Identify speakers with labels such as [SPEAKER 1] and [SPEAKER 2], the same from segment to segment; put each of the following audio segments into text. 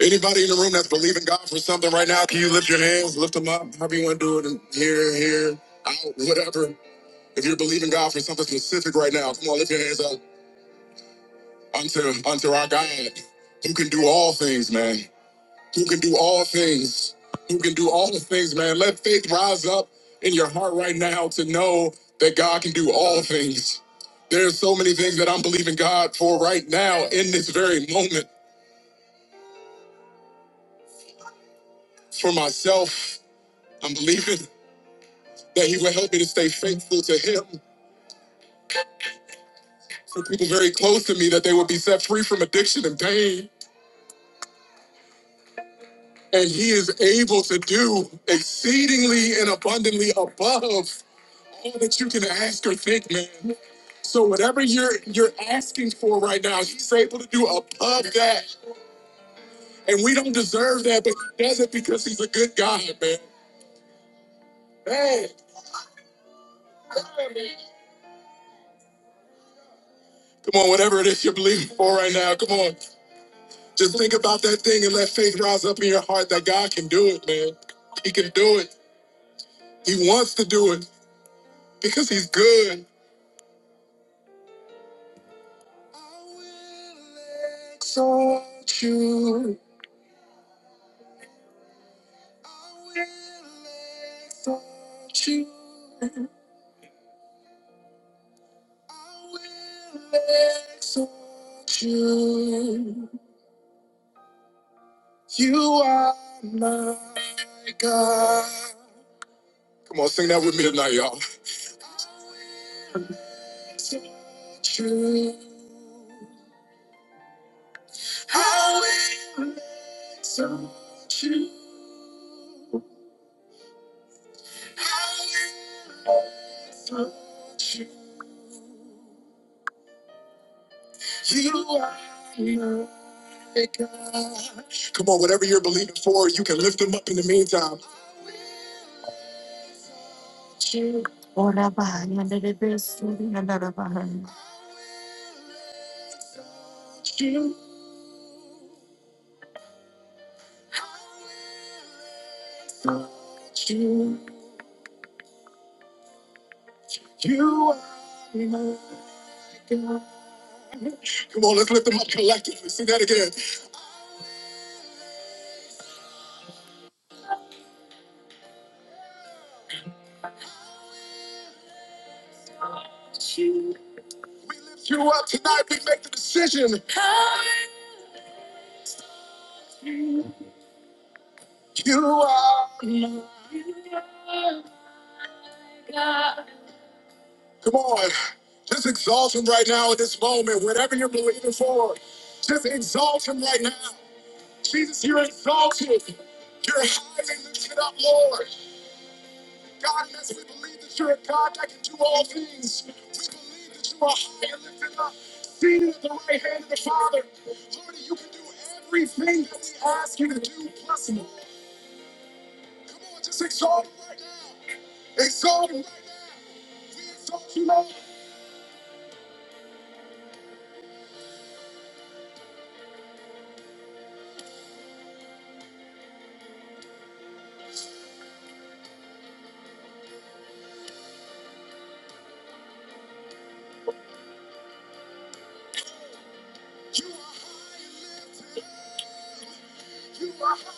[SPEAKER 1] Anybody in the room that's believing God for something right now, can you lift your hands, lift them up, however you want to do it, and here, here, out, whatever. If you're believing God for something specific right now, come on, lift your hands up unto unto our God, who can do all things, man, who can do all things, who can do all the things, man. Let faith rise up in your heart right now to know that God can do all things. There's so many things that I'm believing God for right now in this very moment for myself. I'm believing. that he would help me to stay faithful to him for people very close to me that they would be set free from addiction and pain and he is able to do exceedingly and abundantly above all that you can ask or think man so whatever you're you're asking for right now he's able to do above that and we don't deserve that but he does it because he's a good god man man, come on, man. come on whatever it is you're believing for right now come on Just think about that thing and let faith rise up in your heart that God can do it, man. He can do it. He wants to do it because he's good. I will exalt you. I will exalt you. I will exalt you. You are my God. Come on, sing that with me tonight, y'all. I will exalt you. I will hurt you. I will hurt you. You are. Come on, whatever you're believing for, you can lift them up in the meantime. You Ora bahaya, nere besuri, nere bahaya. You are. my God. Come on, let's lift them up collectively. Sing that again. We lift you up tonight. We make the decision. You are. Come on. Just exalt him right now in this moment. Whatever you're believing for, just exalt him right now. Jesus, you're exalted. You're high and lifted up, Lord. God, yes, we believe that you're a God that can do all things. We believe that you are high and lifted up, seated at the right hand of the Father. Lord, you can do everything that we ask you to do, plus more. Come on, just exalt him right now. Exalt him right now. We exalt you, Lord. You are high. You are high.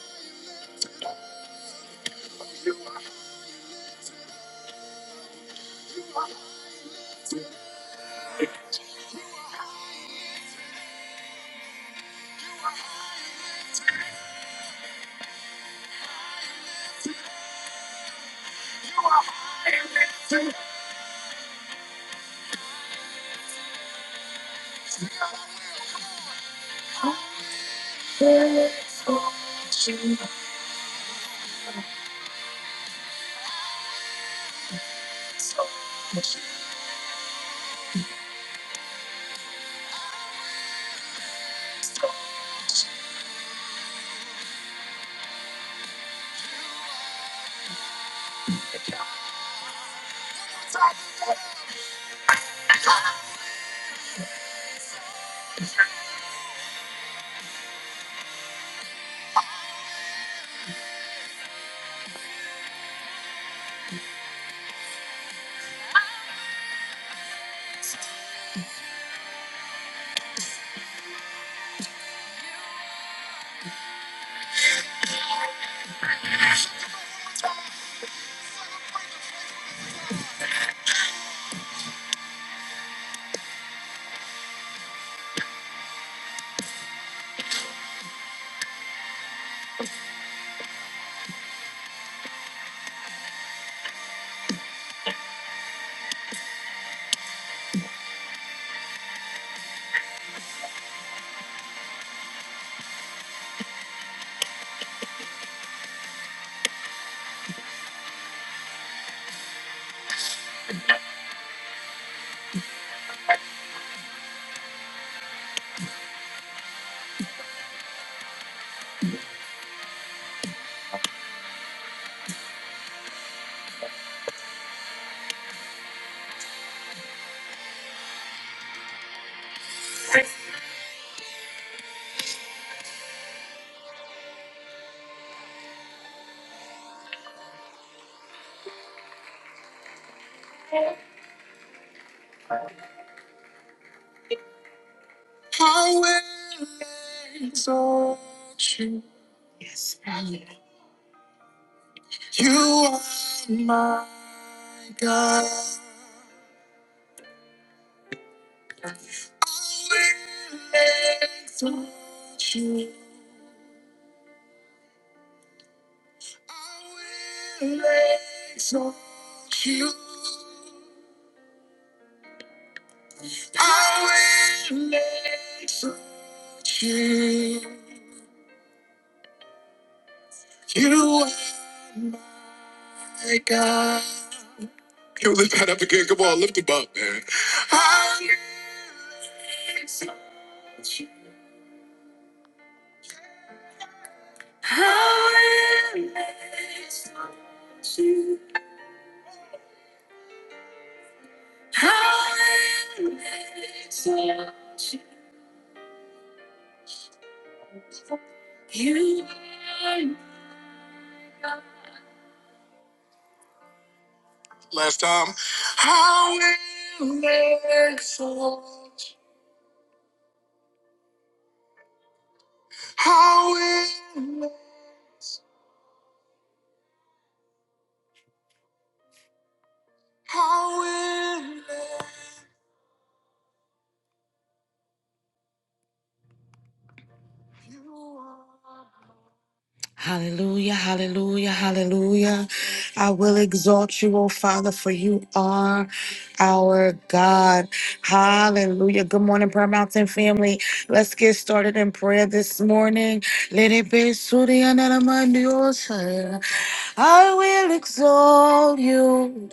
[SPEAKER 1] I will exalt you. Yes, Father. You are my God. I will exalt you. I will exalt you. I will exalt you. You are my God. Yo, lift that up again. Come on, lift him up, man. I will touch you. I? will. Last time. How will, how will. Hallelujah, hallelujah, hallelujah. I will exalt you, O Father, for you are our God. Hallelujah. Good morning, Prayer Mountain family. Let's get started in prayer this morning. Let it be Surya Naramandiosa. I will exalt you.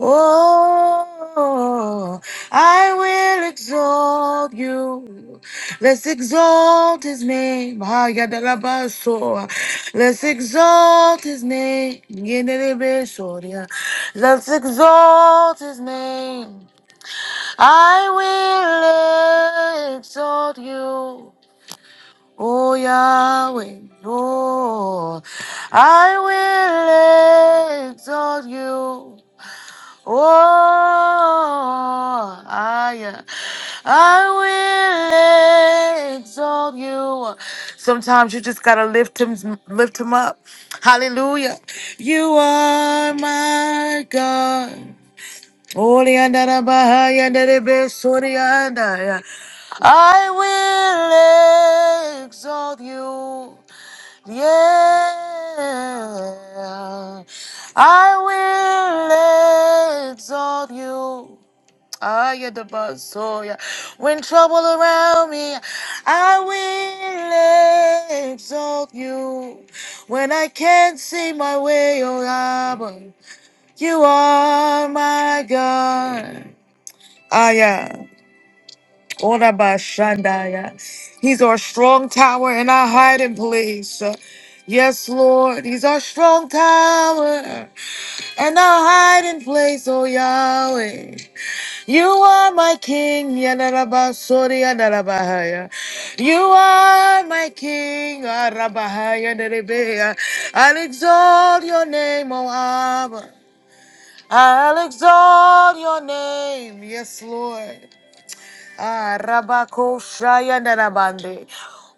[SPEAKER 1] Oh, I will exalt you. Let's exalt his name. Ah, yadalabaso. Let's exalt his name. Yenelebesoria. Let's exalt his name. I will exalt you. Oh Yahweh, oh, I will exalt you. Oh, I, I will exalt you. Sometimes you just gotta lift him, lift him up. Hallelujah. You are my God. Holy and Bahai and the best and I. I will exalt you. Yeah. I will exalt you. I am the Basoya. When trouble around me, I will exalt you. When I can't see my way, oh God. You are my God. Aya. Ora ba shandaya. He's our strong tower and our hiding place. Yes, Lord. He's our strong tower and our hiding place, oh Yahweh. You are my King. Yanarabasori yanarabahaya. You are my King. Arabahaya nerebea. I'll exalt your name, O Abba. I'll exalt your name. Yes, Lord. Ah, Rabako Shayanarabande.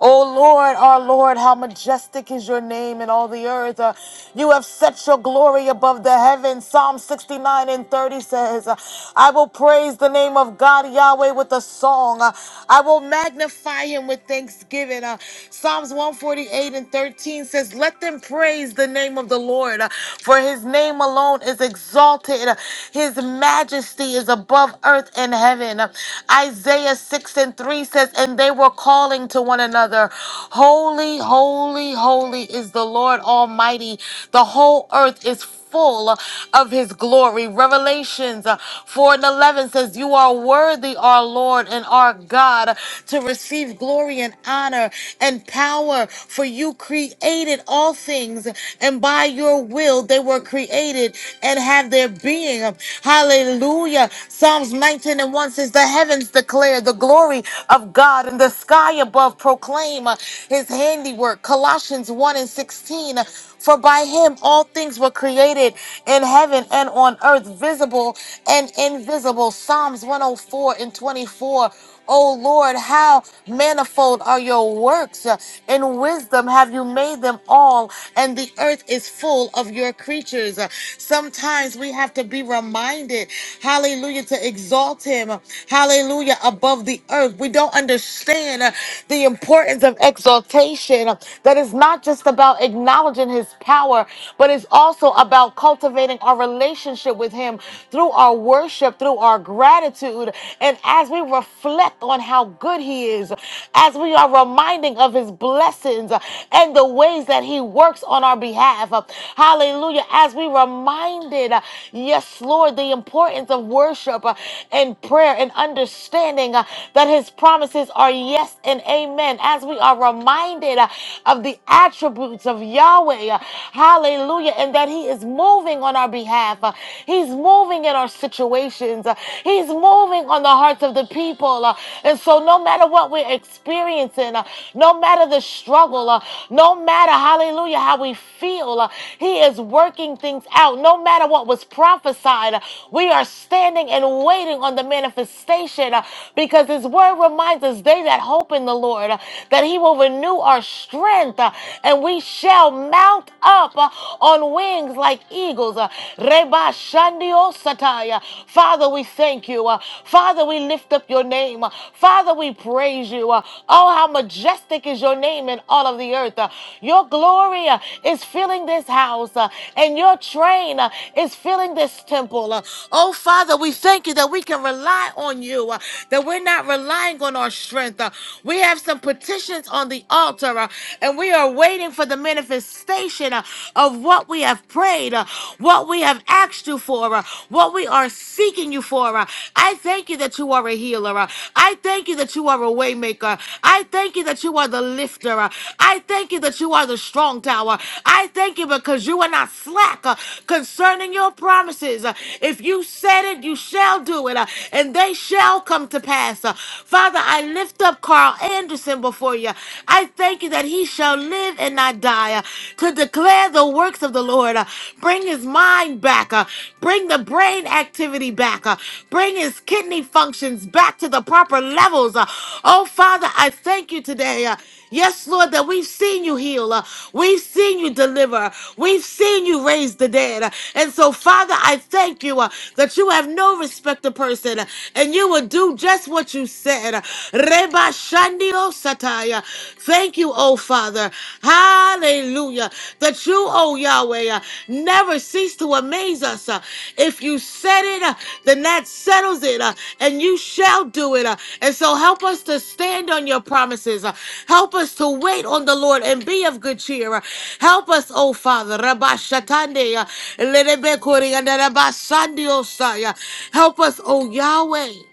[SPEAKER 1] O Lord, our Lord, how majestic is your name in all the earth. Uh, you have set your glory above the heavens. Psalm 69 and 30 says, uh, I will praise the name of God Yahweh with a song. Uh, I will magnify him with thanksgiving. Uh, Psalms 148 and 13 says, Let them praise the name of the Lord, uh, for his name alone is exalted. Uh, His majesty is above earth and heaven. Uh, Isaiah 6 and 3 says, And they were calling to one another, Holy, holy, holy is the Lord Almighty. The whole earth is full of his glory. Revelations uh, 4 and 11 says, You are worthy, our Lord and our God, to receive glory and honor and power, for you created all things, and by your will they were created and have their being. Hallelujah. Psalms 19 and 1 says, The heavens declare the glory of God, and the sky above proclaim uh, his handiwork. Colossians 1 and 16. For by him all things were created in heaven and on earth, visible and invisible. Psalms 104 and 24. O Lord, how manifold are your works. Uh, In wisdom have you made them all, and the earth is full of your creatures. Uh, Sometimes we have to be reminded, hallelujah, to exalt him, hallelujah, above the earth. We don't understand uh, the importance of exaltation, uh, that is not just about acknowledging his power, but it's also about cultivating our relationship with him through our worship, through our gratitude gratitude. And as we reflect on how good He is, as we are reminding of His blessings uh, and the ways that He works on our behalf, uh, hallelujah, as we reminded, uh, yes, Lord, the importance of worship uh, and prayer and understanding uh, that His promises are yes and amen, as we are reminded uh, of the attributes of Yahweh, uh, hallelujah, and that He is moving on our behalf. uh, He. He's moving in our situations. Uh, He's moving on the hearts of the people. Uh, And so, no matter what we're experiencing, uh, no matter the struggle, uh, no matter, hallelujah, how we feel, uh, He is working things out. No matter what was prophesied, uh, we are standing and waiting on the manifestation uh, because His word reminds us they that hope in the Lord uh, that He will renew our strength uh, and we shall mount up uh, on wings wings like eagles. Uh, Reba Shandio Sataya. Father, we thank you. Uh, Father, we lift up your name. Uh, Father, we praise you. Uh, Oh, how majestic is your name in all of the earth. Uh, Your glory uh, is filling this house, uh, and your train uh, is filling this temple. Uh, Oh, Father, we thank you that we can rely on you, uh, that we're not relying on our strength. Uh, We have some petitions on the altar, uh, and we are waiting for the minute manifestation uh, of what we have prayed, uh, what we have asked you for, uh, what we are seeking you for. uh. I thank you that you are a healer. uh. I thank you that you are a waymaker. I thank you that you are the lifter. uh. I thank you that you are the strong tower. I thank you because you are not slack uh, concerning your promises. Uh, If you said it, you shall do it, uh, and they shall come to pass. Uh, Father, I lift up Carl Anderson before you. I thank you that he shall live and not die uh, to declare the works of the Lord. uh, Bring his mind back. uh, Bring the brain activity back. uh, Bring his kidney functions back to the proper levels. uh. Oh, Father, I thank you today. uh, Yes, Lord, that we've seen you heal. uh, We've seen you deliver. We've seen you raise the dead. uh, And so, Father, I thank you uh, that you have no respect to person uh, and you will do just what you said. uh. Reba Shandio Sataya. Thank you, oh Father. Hallelujah. That you, oh Yahweh, uh, never cease to amaze us. uh. If you said it, uh, then that settles it, uh, and you shall do it. uh. And so help us to stand on your promises. uh. Help us to wait on the Lord and be of good cheer. uh. Help us, oh Father. Reba Shatande, uh, Lerebe Kori, and Reba Sandio Saya. Help us, oh Yahweh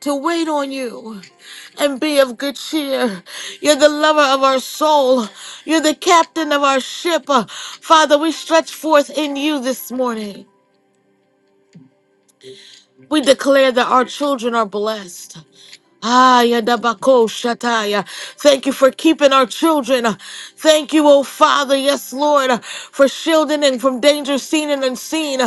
[SPEAKER 1] to wait on you and be of good cheer. You're the lover of our soul. You're the captain of our ship. Uh, Father, we stretch forth in you this morning. We declare that our children are blessed. Aya dabako Shataya. Thank you for keeping our children. Thank you, oh Father, yes, Lord, for shielding and from danger seen and unseen.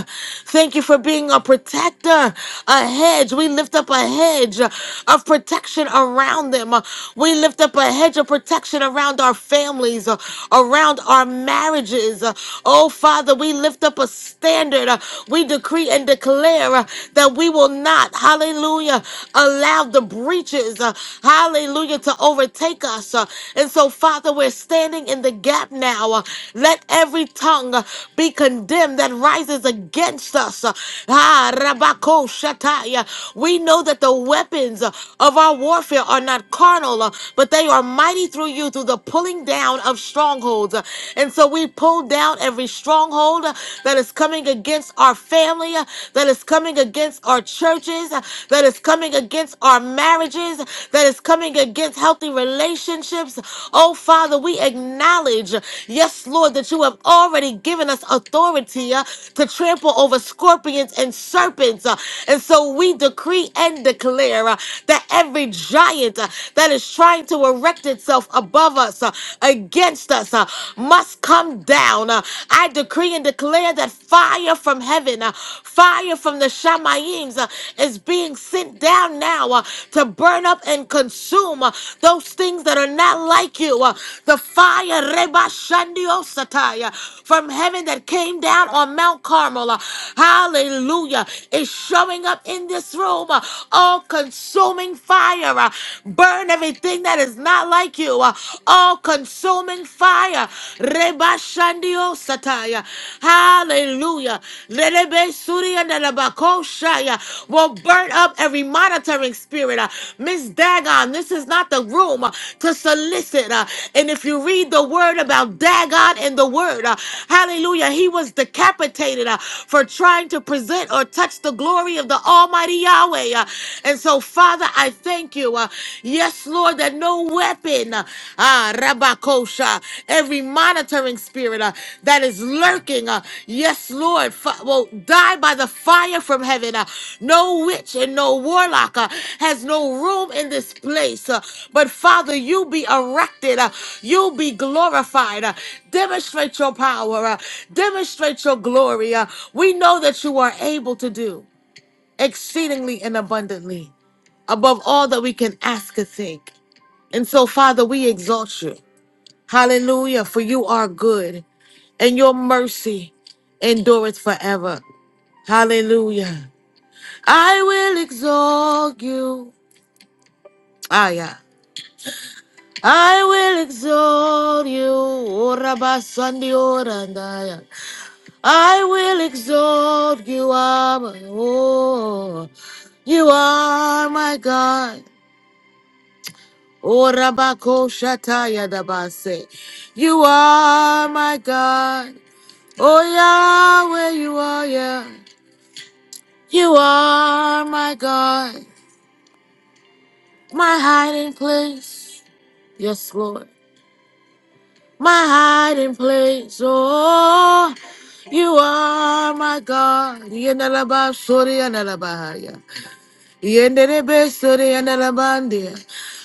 [SPEAKER 1] Thank you for being a protector, a hedge. We lift up a hedge of protection around them. We lift up a hedge of protection around our families, around our marriages. Oh Father, we lift up a standard. We decree and declare that we. But we will not, hallelujah, allow the breaches, uh, hallelujah, to overtake us. uh, and so, Father, we're standing in the gap now. uh, let every tongue uh, be condemned that rises against us. uh, ah, Rabako Shataya. We know that the weapons uh, of our warfare are not carnal, uh, but they are mighty through you, through the pulling down of strongholds. uh, and so, we pull down every stronghold uh, that is is coming against our family, uh, that is coming against our churches, uh, that is coming against our marriages, that is coming against healthy relationships. Oh, Father, we acknowledge, yes, Lord, that you have already given us authority uh, to trample over scorpions and serpents. uh, And so we decree and declare uh, that every giant uh, that is trying to erect itself above us, uh, against us, uh, must come down. Uh, I decree and declare that fire from heaven, uh, fire from the Shamayims, uh, is being sent down now uh, to burn up and consume uh, those things that are not like you. Uh, the fire, Reba Shandio Satai, uh, from heaven that came down on Mount Carmel. uh, hallelujah. Is showing up in this room. Uh, all consuming fire. uh, burn everything that is not like like you, uh, all consuming fire. Reba Shandio Sataya. Hallelujah. Lelebe Suri and Elebako will burn up every monitoring spirit. uh, Miss Dagon, this is not the room uh, to solicit. uh, And if you read the word about Dagon in the word, uh, hallelujah, he was decapitated uh, for trying to present or touch the glory of the Almighty Yahweh. uh, And so, Father, I thank you. uh, yes, Lord, that no weapon, uh, ah, Rabakosha, every monitoring spirit uh, that is lurking, uh, yes, Lord, fi- will die by the fire from heaven. uh, no witch and no warlock uh, has no room in this place. uh, but Father, you be erected, uh, you be glorified. uh, demonstrate your power, uh, demonstrate your glory. uh, we know that you are able to do exceedingly and abundantly above all that we can ask or think. And so, Father, we exalt you. Hallelujah, for you are good and your mercy endureth forever. Hallelujah. I will exalt you. Ah, yeah. I will exalt you. O Rabba Sandi Orandaya. I will exalt you, Abba. Oh, you are my God. O Rabako Shataya Dabase. You are my God. Oh Yahweh, you are, yeah. You are my God. My hiding place. Yes, Lord. My hiding place. Oh, you are my God. Yanalaba Sori Yanalabahaya. Yenderebesere yanarabandia.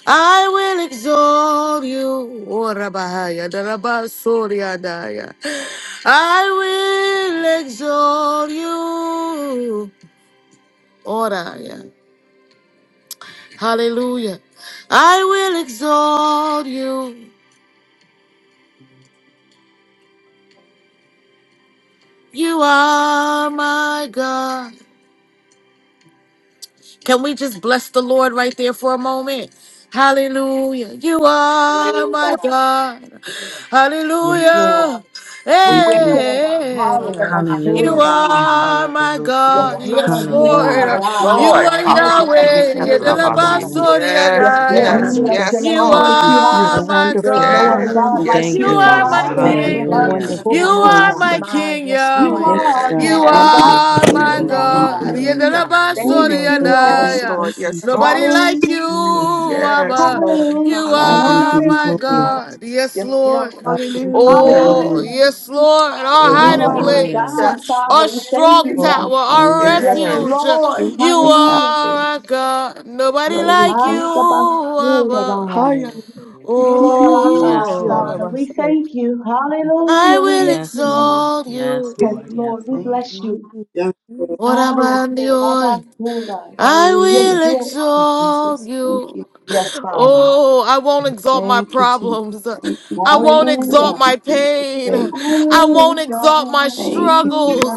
[SPEAKER 1] I will exalt you. O Rabahaya, Darabasoria Daya. I will exalt you. Oraya. Hallelujah. I will exalt you. You are my God. Can we just bless the Lord right there for a moment? Hallelujah. You are my
[SPEAKER 2] Hallelujah.
[SPEAKER 1] God.
[SPEAKER 2] Yes, Lord.
[SPEAKER 1] Hallelujah.
[SPEAKER 2] We
[SPEAKER 3] Thank
[SPEAKER 2] bless your
[SPEAKER 3] you.
[SPEAKER 2] name.
[SPEAKER 1] Hey,
[SPEAKER 2] Hallelujah.
[SPEAKER 4] Hallelujah.
[SPEAKER 2] but us told
[SPEAKER 1] you
[SPEAKER 5] Hallelujah.
[SPEAKER 2] about it.
[SPEAKER 1] are my
[SPEAKER 4] Hallelujah.
[SPEAKER 2] Yes,
[SPEAKER 1] God.
[SPEAKER 2] Lord,
[SPEAKER 1] Yes,
[SPEAKER 2] you are our
[SPEAKER 1] Lord.
[SPEAKER 5] Hallelujah.
[SPEAKER 6] Yes,
[SPEAKER 2] God.
[SPEAKER 3] Ooh,
[SPEAKER 1] You
[SPEAKER 2] Yeah.
[SPEAKER 6] Lord.
[SPEAKER 1] are
[SPEAKER 2] Hallelujah.
[SPEAKER 3] Thank
[SPEAKER 2] but
[SPEAKER 4] Hallelujah.
[SPEAKER 3] you.
[SPEAKER 2] us
[SPEAKER 6] Hallelujah.
[SPEAKER 3] We
[SPEAKER 1] Yahweh.
[SPEAKER 3] thank
[SPEAKER 2] told
[SPEAKER 3] you. We thank
[SPEAKER 2] about
[SPEAKER 3] you.
[SPEAKER 2] it. Yes,
[SPEAKER 6] Yes,
[SPEAKER 2] Lord,
[SPEAKER 1] Yedelabasoriadaya.
[SPEAKER 6] yes,
[SPEAKER 2] we
[SPEAKER 3] You
[SPEAKER 4] Hallelujah.
[SPEAKER 2] bless
[SPEAKER 3] God,
[SPEAKER 2] your
[SPEAKER 6] yes,
[SPEAKER 2] name.
[SPEAKER 1] You
[SPEAKER 3] thank
[SPEAKER 2] We
[SPEAKER 6] Lord.
[SPEAKER 2] lift
[SPEAKER 3] you.
[SPEAKER 2] you
[SPEAKER 3] You
[SPEAKER 2] high.
[SPEAKER 3] are
[SPEAKER 1] are my
[SPEAKER 2] There's
[SPEAKER 3] wonderful.
[SPEAKER 2] no other
[SPEAKER 1] God.
[SPEAKER 6] Yes,
[SPEAKER 2] God
[SPEAKER 3] Hallelujah.
[SPEAKER 2] like
[SPEAKER 6] yes,
[SPEAKER 1] You
[SPEAKER 5] Thank
[SPEAKER 2] you,
[SPEAKER 5] you,
[SPEAKER 6] yes,
[SPEAKER 1] are
[SPEAKER 5] Lord.
[SPEAKER 6] yes,
[SPEAKER 1] my
[SPEAKER 2] Father.
[SPEAKER 3] Father,
[SPEAKER 4] Hallelujah.
[SPEAKER 3] you
[SPEAKER 1] King.
[SPEAKER 2] What
[SPEAKER 6] Lord.
[SPEAKER 3] are
[SPEAKER 2] about us
[SPEAKER 5] Hallelujah.
[SPEAKER 3] wonderful.
[SPEAKER 1] You
[SPEAKER 2] told
[SPEAKER 3] You are
[SPEAKER 1] are
[SPEAKER 2] about
[SPEAKER 1] my my
[SPEAKER 2] it?
[SPEAKER 3] wonderful.
[SPEAKER 1] King
[SPEAKER 2] You
[SPEAKER 1] Yahweh.
[SPEAKER 3] Thank
[SPEAKER 2] are
[SPEAKER 6] Yeah,
[SPEAKER 2] our
[SPEAKER 3] you,
[SPEAKER 1] You
[SPEAKER 3] God.
[SPEAKER 2] God.
[SPEAKER 3] Thank
[SPEAKER 6] yes.
[SPEAKER 2] About
[SPEAKER 3] you.
[SPEAKER 2] us
[SPEAKER 1] are
[SPEAKER 2] told
[SPEAKER 3] Thank
[SPEAKER 1] my
[SPEAKER 3] you.
[SPEAKER 2] about
[SPEAKER 4] Hallelujah.
[SPEAKER 3] Thank
[SPEAKER 5] Hallelujah.
[SPEAKER 1] God.
[SPEAKER 3] you.
[SPEAKER 2] it.
[SPEAKER 5] Thank you,
[SPEAKER 6] Hallelujah.
[SPEAKER 3] Oh
[SPEAKER 5] Lord.
[SPEAKER 2] Thank
[SPEAKER 3] Lord,
[SPEAKER 2] you,
[SPEAKER 3] thank you. Thank
[SPEAKER 2] Lord.
[SPEAKER 3] you.
[SPEAKER 6] Yes,
[SPEAKER 1] Yedelabasoriadaya.
[SPEAKER 6] Lord.
[SPEAKER 3] thank you.
[SPEAKER 6] Yes, Lord.
[SPEAKER 1] Nobody like you,
[SPEAKER 2] Hallelujah.
[SPEAKER 3] Mm.
[SPEAKER 5] Mm.
[SPEAKER 6] Yes,
[SPEAKER 1] Abba.
[SPEAKER 4] Hallelujah.
[SPEAKER 6] Lord.
[SPEAKER 1] You
[SPEAKER 2] Hallelujah.
[SPEAKER 3] Father, we
[SPEAKER 1] are
[SPEAKER 2] Nobody
[SPEAKER 3] give
[SPEAKER 6] Hallelujah.
[SPEAKER 3] you
[SPEAKER 1] my
[SPEAKER 2] like
[SPEAKER 3] glory.
[SPEAKER 2] you.
[SPEAKER 1] God. Yes,
[SPEAKER 2] Yes,
[SPEAKER 1] Lord.
[SPEAKER 2] Lord.
[SPEAKER 3] Father, we give you
[SPEAKER 6] Hallelujah.
[SPEAKER 4] Hallelujah.
[SPEAKER 1] Oh,
[SPEAKER 3] glory.
[SPEAKER 2] Hallelujah.
[SPEAKER 1] yes, Lord. Our
[SPEAKER 3] There is
[SPEAKER 2] You
[SPEAKER 1] hiding
[SPEAKER 3] nobody like
[SPEAKER 2] are
[SPEAKER 3] you.
[SPEAKER 6] Hallelujah.
[SPEAKER 2] our
[SPEAKER 5] Hallelujah.
[SPEAKER 1] place,
[SPEAKER 2] God,
[SPEAKER 1] our
[SPEAKER 2] Father. We thank
[SPEAKER 1] strong
[SPEAKER 2] you, Yah.
[SPEAKER 3] Father,
[SPEAKER 1] tower,
[SPEAKER 3] we're
[SPEAKER 1] our
[SPEAKER 3] going to
[SPEAKER 2] Yes,
[SPEAKER 3] put the
[SPEAKER 1] refuge.
[SPEAKER 6] Yes.
[SPEAKER 2] Lord.
[SPEAKER 3] fruit
[SPEAKER 1] You
[SPEAKER 3] up out
[SPEAKER 2] Hallelujah.
[SPEAKER 1] are
[SPEAKER 3] there.
[SPEAKER 1] our God. Nobody
[SPEAKER 3] Father, we
[SPEAKER 1] like you,
[SPEAKER 2] I
[SPEAKER 3] thank
[SPEAKER 1] Abba.
[SPEAKER 3] you. Hi,
[SPEAKER 2] the
[SPEAKER 3] Yahweh.
[SPEAKER 2] You are our
[SPEAKER 3] Woo,
[SPEAKER 2] God,
[SPEAKER 5] Yes,
[SPEAKER 1] Oh,
[SPEAKER 3] Yahweh,
[SPEAKER 5] Lord.
[SPEAKER 2] Father. We
[SPEAKER 3] Messiah.
[SPEAKER 2] thank you.
[SPEAKER 1] I
[SPEAKER 2] Hallelujah. We
[SPEAKER 1] will
[SPEAKER 2] lift
[SPEAKER 5] Yes,
[SPEAKER 2] you up.
[SPEAKER 5] Lord.
[SPEAKER 1] exalt
[SPEAKER 5] Yes,
[SPEAKER 1] you.
[SPEAKER 2] Yes,
[SPEAKER 5] Lord. Yes,
[SPEAKER 2] Lord. We
[SPEAKER 3] Thank
[SPEAKER 5] Lord.
[SPEAKER 2] bless
[SPEAKER 3] you.
[SPEAKER 2] you.
[SPEAKER 3] Jesus.
[SPEAKER 7] Yeah.
[SPEAKER 1] What
[SPEAKER 2] Ah, yes,
[SPEAKER 1] about the
[SPEAKER 2] Lord.
[SPEAKER 1] oil?
[SPEAKER 2] Abasura.
[SPEAKER 1] I
[SPEAKER 2] Yes,
[SPEAKER 3] Hallelujah. Thank
[SPEAKER 1] will
[SPEAKER 2] Lord.
[SPEAKER 3] you,
[SPEAKER 1] exalt
[SPEAKER 3] Jesus. Thank
[SPEAKER 1] you.
[SPEAKER 3] you.
[SPEAKER 2] Yes, Father.
[SPEAKER 1] Oh, I won't exalt my
[SPEAKER 3] Thank you, Jesus.
[SPEAKER 1] problems.
[SPEAKER 3] Thank you,
[SPEAKER 1] I won't
[SPEAKER 3] Jesus. Thank
[SPEAKER 1] exalt
[SPEAKER 2] Hallelujah.
[SPEAKER 3] you,
[SPEAKER 1] my
[SPEAKER 3] Jesus.
[SPEAKER 1] pain.
[SPEAKER 3] Thank
[SPEAKER 2] I
[SPEAKER 3] you,
[SPEAKER 1] I
[SPEAKER 3] Jesus.
[SPEAKER 2] will
[SPEAKER 1] won't exalt my
[SPEAKER 2] adore
[SPEAKER 3] Thank you,
[SPEAKER 2] you.
[SPEAKER 3] Jesus. Thank
[SPEAKER 1] struggles,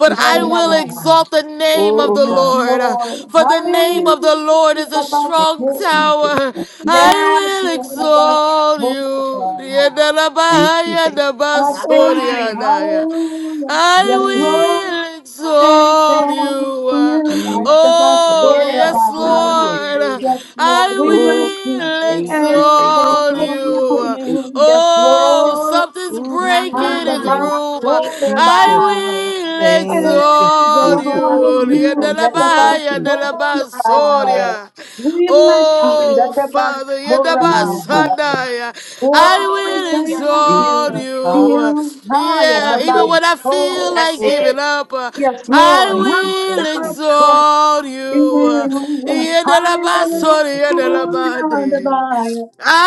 [SPEAKER 1] but I
[SPEAKER 3] you,
[SPEAKER 1] will
[SPEAKER 3] Jesus.
[SPEAKER 1] exalt the name of
[SPEAKER 3] Oh,
[SPEAKER 1] the
[SPEAKER 2] Yes,
[SPEAKER 3] God.
[SPEAKER 1] Lord.
[SPEAKER 2] Lord.
[SPEAKER 1] For the name
[SPEAKER 3] Yeah.
[SPEAKER 1] of the Lord is a
[SPEAKER 3] Thank
[SPEAKER 1] strong
[SPEAKER 2] Hallelujah.
[SPEAKER 3] you, Jesus.
[SPEAKER 1] tower.
[SPEAKER 3] Thank you, Jesus.
[SPEAKER 2] Yes,
[SPEAKER 1] I will
[SPEAKER 2] Lord, that's
[SPEAKER 1] exalt
[SPEAKER 2] Lord.
[SPEAKER 3] Thank you. Thank
[SPEAKER 2] I thank you.
[SPEAKER 1] you.
[SPEAKER 2] Hallelujah. Yes,
[SPEAKER 3] you.
[SPEAKER 2] Lord.
[SPEAKER 1] I will
[SPEAKER 2] Thank
[SPEAKER 1] exalt
[SPEAKER 2] God
[SPEAKER 1] you.
[SPEAKER 2] for
[SPEAKER 1] uh,
[SPEAKER 2] you. I
[SPEAKER 3] Thank
[SPEAKER 2] am the best
[SPEAKER 3] you.
[SPEAKER 1] Oh,
[SPEAKER 2] Lord of
[SPEAKER 1] yes,
[SPEAKER 2] my life.
[SPEAKER 3] Hallelujah.
[SPEAKER 1] Lord.
[SPEAKER 2] Yes,
[SPEAKER 1] I
[SPEAKER 2] Lord. We bless
[SPEAKER 3] Oh,
[SPEAKER 2] you
[SPEAKER 3] God.
[SPEAKER 1] will
[SPEAKER 3] Thank you.
[SPEAKER 2] and
[SPEAKER 3] Thank you.
[SPEAKER 1] exalt
[SPEAKER 3] Thank you.
[SPEAKER 2] adore
[SPEAKER 1] you.
[SPEAKER 3] Thank
[SPEAKER 1] uh,
[SPEAKER 3] you.
[SPEAKER 2] you. Yes,
[SPEAKER 1] Oh,
[SPEAKER 2] Lord.
[SPEAKER 1] something's
[SPEAKER 2] I'm
[SPEAKER 1] breaking
[SPEAKER 2] the
[SPEAKER 1] in
[SPEAKER 3] Oh,
[SPEAKER 1] the
[SPEAKER 3] yeah.
[SPEAKER 2] best
[SPEAKER 1] room. uh,
[SPEAKER 2] Lord of
[SPEAKER 3] Thank you.
[SPEAKER 2] my life.
[SPEAKER 1] I will
[SPEAKER 3] Thank you.
[SPEAKER 1] exalt
[SPEAKER 2] And
[SPEAKER 3] Thank you.
[SPEAKER 2] adore
[SPEAKER 1] Orioli,
[SPEAKER 3] Thank you.
[SPEAKER 2] you.
[SPEAKER 3] Thank
[SPEAKER 2] Yes,
[SPEAKER 3] you.
[SPEAKER 2] the
[SPEAKER 3] Thank
[SPEAKER 1] Adalabaya,
[SPEAKER 2] best
[SPEAKER 3] you.
[SPEAKER 2] Lord of my
[SPEAKER 1] Adalabasoria.
[SPEAKER 2] life. We bless you.
[SPEAKER 1] Oh,
[SPEAKER 2] That's the
[SPEAKER 1] Father,
[SPEAKER 2] best Lord of
[SPEAKER 3] Thank
[SPEAKER 2] my
[SPEAKER 3] you.
[SPEAKER 2] life.
[SPEAKER 1] Yadabasandaya, I
[SPEAKER 2] Oh, we
[SPEAKER 1] will
[SPEAKER 2] thank
[SPEAKER 3] Thank
[SPEAKER 1] exalt
[SPEAKER 2] you.
[SPEAKER 3] you. Father.
[SPEAKER 1] you.
[SPEAKER 2] You high at
[SPEAKER 1] Yeah,
[SPEAKER 2] the bus.
[SPEAKER 1] even when I feel
[SPEAKER 2] Oh,
[SPEAKER 1] like
[SPEAKER 3] Oh, God.
[SPEAKER 1] giving up, uh,
[SPEAKER 2] yes,
[SPEAKER 1] I
[SPEAKER 2] Lord. High
[SPEAKER 3] Thank you.
[SPEAKER 2] at
[SPEAKER 1] will
[SPEAKER 2] the
[SPEAKER 3] Thank you.
[SPEAKER 2] bus. Oh,
[SPEAKER 1] exalt
[SPEAKER 3] Thank
[SPEAKER 1] you.
[SPEAKER 3] you,
[SPEAKER 2] you.
[SPEAKER 3] Father.
[SPEAKER 2] Hallelujah.
[SPEAKER 3] I
[SPEAKER 1] Yadalabasoria,
[SPEAKER 3] Thank you.
[SPEAKER 2] The
[SPEAKER 1] Yadalabade.
[SPEAKER 2] buyer.
[SPEAKER 1] I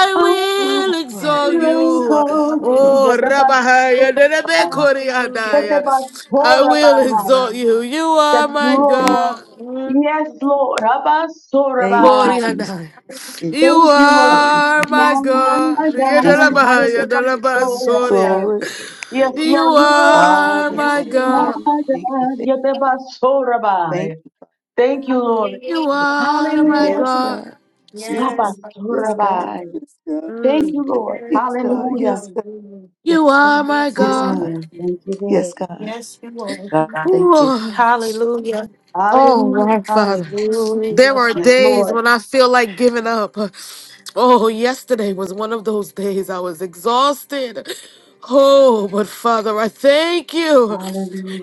[SPEAKER 3] Oh, my
[SPEAKER 1] will
[SPEAKER 3] God.
[SPEAKER 1] exalt
[SPEAKER 2] Hallelujah.
[SPEAKER 1] you.
[SPEAKER 2] So you
[SPEAKER 1] Oh,
[SPEAKER 2] get the bus. Oh,
[SPEAKER 1] Rabahaya,
[SPEAKER 2] the buyer. Get
[SPEAKER 1] Nerebekoriadaya.
[SPEAKER 2] the bus. Oh,
[SPEAKER 1] I will exalt
[SPEAKER 2] Rabbi.
[SPEAKER 1] you. You are
[SPEAKER 2] Yes,
[SPEAKER 1] my
[SPEAKER 3] Oh, thank you.
[SPEAKER 2] Lord.
[SPEAKER 1] God.
[SPEAKER 2] Yes, Lord. Abba, so
[SPEAKER 3] Thank you,
[SPEAKER 2] Rabbi.
[SPEAKER 3] Jesus.
[SPEAKER 1] Koriadaya.
[SPEAKER 3] Yes,
[SPEAKER 1] You
[SPEAKER 2] Thank you,
[SPEAKER 3] Thank
[SPEAKER 2] Lord.
[SPEAKER 3] you,
[SPEAKER 1] are
[SPEAKER 3] Jesus.
[SPEAKER 2] My
[SPEAKER 1] my God.
[SPEAKER 2] God.
[SPEAKER 3] Thank you,
[SPEAKER 2] High at
[SPEAKER 1] Yedelabahaya,
[SPEAKER 3] Jesus.
[SPEAKER 2] the bus. Oh, yeah.
[SPEAKER 1] Delabasoria.
[SPEAKER 3] Glory,
[SPEAKER 2] Yes,
[SPEAKER 1] You
[SPEAKER 2] Lord, you are
[SPEAKER 1] are
[SPEAKER 3] Father.
[SPEAKER 2] my
[SPEAKER 1] my
[SPEAKER 3] Thank you.
[SPEAKER 1] God.
[SPEAKER 2] God.
[SPEAKER 3] Thank you. Thank you. Thank
[SPEAKER 2] Yetebasorabai.
[SPEAKER 3] you,
[SPEAKER 2] Thank you, Lord.
[SPEAKER 1] You
[SPEAKER 3] Father.
[SPEAKER 1] are my
[SPEAKER 3] Yes,
[SPEAKER 2] Hallelujah.
[SPEAKER 1] God.
[SPEAKER 3] God. Yes, God. Yes, God.
[SPEAKER 2] Abasorabai.
[SPEAKER 3] God.
[SPEAKER 2] Thank you,
[SPEAKER 1] Mm.
[SPEAKER 2] Lord.
[SPEAKER 3] Yes, God.
[SPEAKER 2] Hallelujah.
[SPEAKER 3] Yes, God. Yes,
[SPEAKER 1] You are
[SPEAKER 3] God.
[SPEAKER 1] my
[SPEAKER 3] Yes,
[SPEAKER 1] God.
[SPEAKER 3] God.
[SPEAKER 2] Hallelujah. Thank you,
[SPEAKER 3] Yes,
[SPEAKER 2] Lord.
[SPEAKER 3] God. God, thank you.
[SPEAKER 1] Ooh. Oh,
[SPEAKER 2] Hallelujah.
[SPEAKER 1] wow, Father. There are
[SPEAKER 2] Yes,
[SPEAKER 1] days
[SPEAKER 2] Lord.
[SPEAKER 1] when I feel like giving up. Oh, yesterday was one of those days I was exhausted. Oh, but Father, I thank you.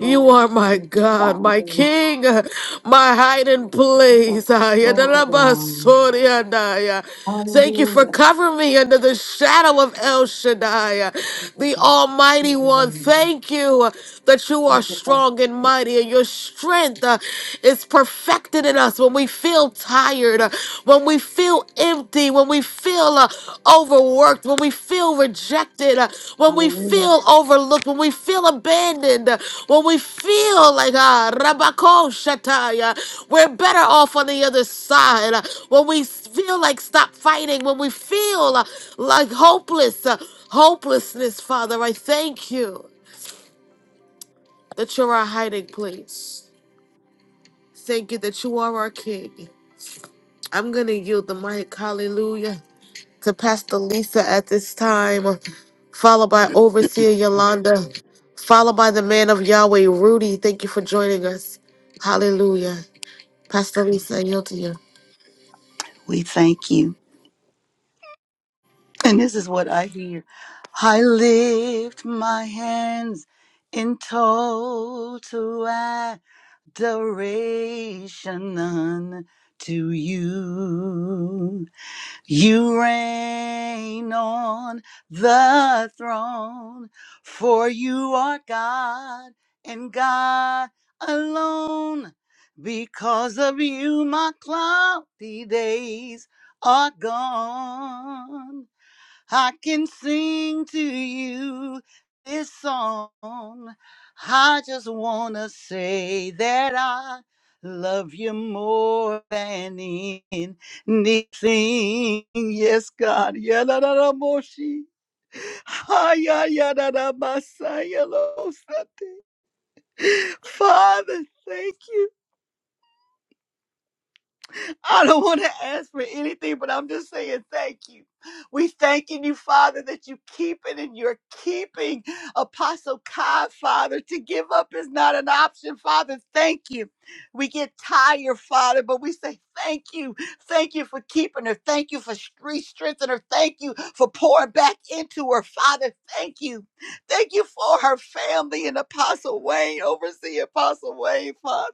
[SPEAKER 1] You are my
[SPEAKER 2] Thank you,
[SPEAKER 1] God, my
[SPEAKER 2] Father.
[SPEAKER 1] King, my hiding place.
[SPEAKER 2] Yetebasorabai.
[SPEAKER 1] Ayadalabasoria daya. Thank you for
[SPEAKER 2] Hallelujah.
[SPEAKER 1] covering me under the shadow of El Shaddai, the
[SPEAKER 2] Yetebasorabai.
[SPEAKER 1] Almighty One. Thank you that you are
[SPEAKER 2] Yetebasorabai.
[SPEAKER 1] strong and mighty, and your strength uh, is perfected in us when we feel tired, uh, when we feel empty, when we feel uh, overworked, when we feel rejected, uh, when we feel
[SPEAKER 2] Hallelujah.
[SPEAKER 1] overlooked, when we feel abandoned, uh, when we feel like uh, Rabako Shatai, uh, we're better off on the other side, uh, when we s- feel like stop fighting, when we feel uh, like hopeless, uh, hopelessness, Father, I thank you that you're our hiding place. Thank you that you are our King. I'm going to yield the mic. Hallelujah. to Pastor Lisa at this time, followed by Overseer Yolanda, followed by the man of Yahweh, Rudy. Thank you for joining us. Hallelujah. Pastor Lisa, I yield to you.
[SPEAKER 3] We thank you. And this is what I hear. I lift my hands in total adoration to you. You reign on the throne, for you are God and God alone. Because of you, my cloudy days are gone. I can sing to you this song. I just want to say that I love you more than anything. Yes, God. Yadadadamoshi. Hayayadadamasayalosate. Father, thank you. I don't want to ask for anything, but I'm just saying thank you. We thanking you, Father, that you keep it and you're keeping Apostle Kai, Father. To give up is not an option, Father. Thank you. We get tired, Father, but we say thank you. Thank you for keeping her. Thank you for stre- strengthening her. Thank you for pouring back into her, Father. Thank you. Thank you for her family and Apostle Wayne, overseeing Apostle Wayne, Father.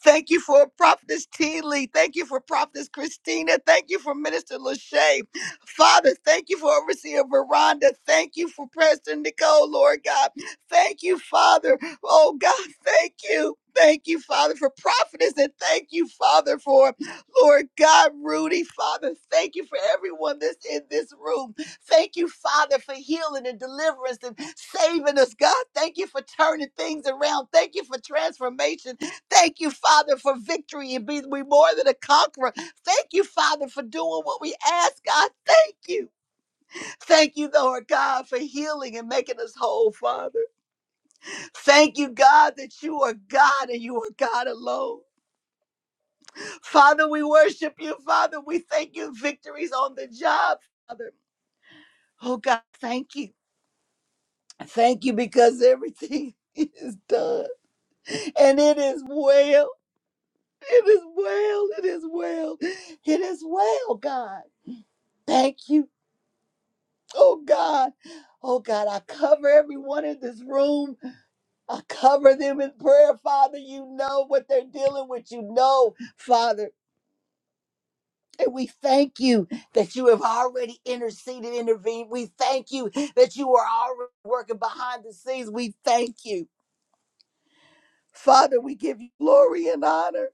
[SPEAKER 3] Thank you for Prophetess T. Lee. Thank you for Prophetess Christina. Thank you for Minister Lachey. Father, thank you for Overseer Veranda. Thank you for Preston Nicole, Lord God. Thank you, Father. Oh God, thank you. Thank you, Father, for prophetess, and thank you, Father, for Lord God, Rudy. Father, thank you for everyone that's in this room. Thank you, Father, for healing and deliverance and saving us, God. Thank you for turning things around. Thank you for transformation. Thank you, Father, for victory and being we more than a conqueror. Thank you, Father, for doing what we ask, God. Thank you. Thank you, Lord God, for healing and making us whole, Father. Thank you, God, that you are God and you are God alone. Father, we worship you, Father. We thank you, victories on the job, Father. Oh, God, thank you. Thank you because everything is done and it is well. It is well. It is well. It is well, God. Thank you. Oh God. Oh God, I cover everyone in this room. I cover them in prayer, Father. You know what they're dealing with. You know, Father. And we thank you that you have already interceded, intervened. We thank you that you are already working behind the scenes. We thank you. Father, we give you glory and honor.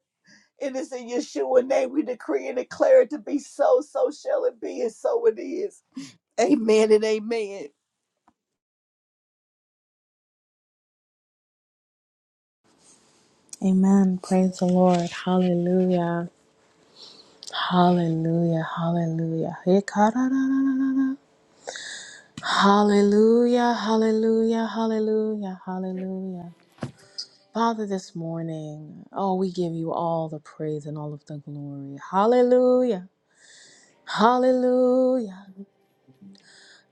[SPEAKER 3] And it's in Yeshua name we decree and declare it to be so, so shall it be, and so it is. Amen and amen.
[SPEAKER 5] Amen. Praise the Lord. Hallelujah. Hallelujah. Hallelujah. Hikararararara. Hallelujah. Hallelujah. Hallelujah. Hallelujah. Father, this morning, oh, we give you all the praise and all of the glory. Hallelujah. Hallelujah.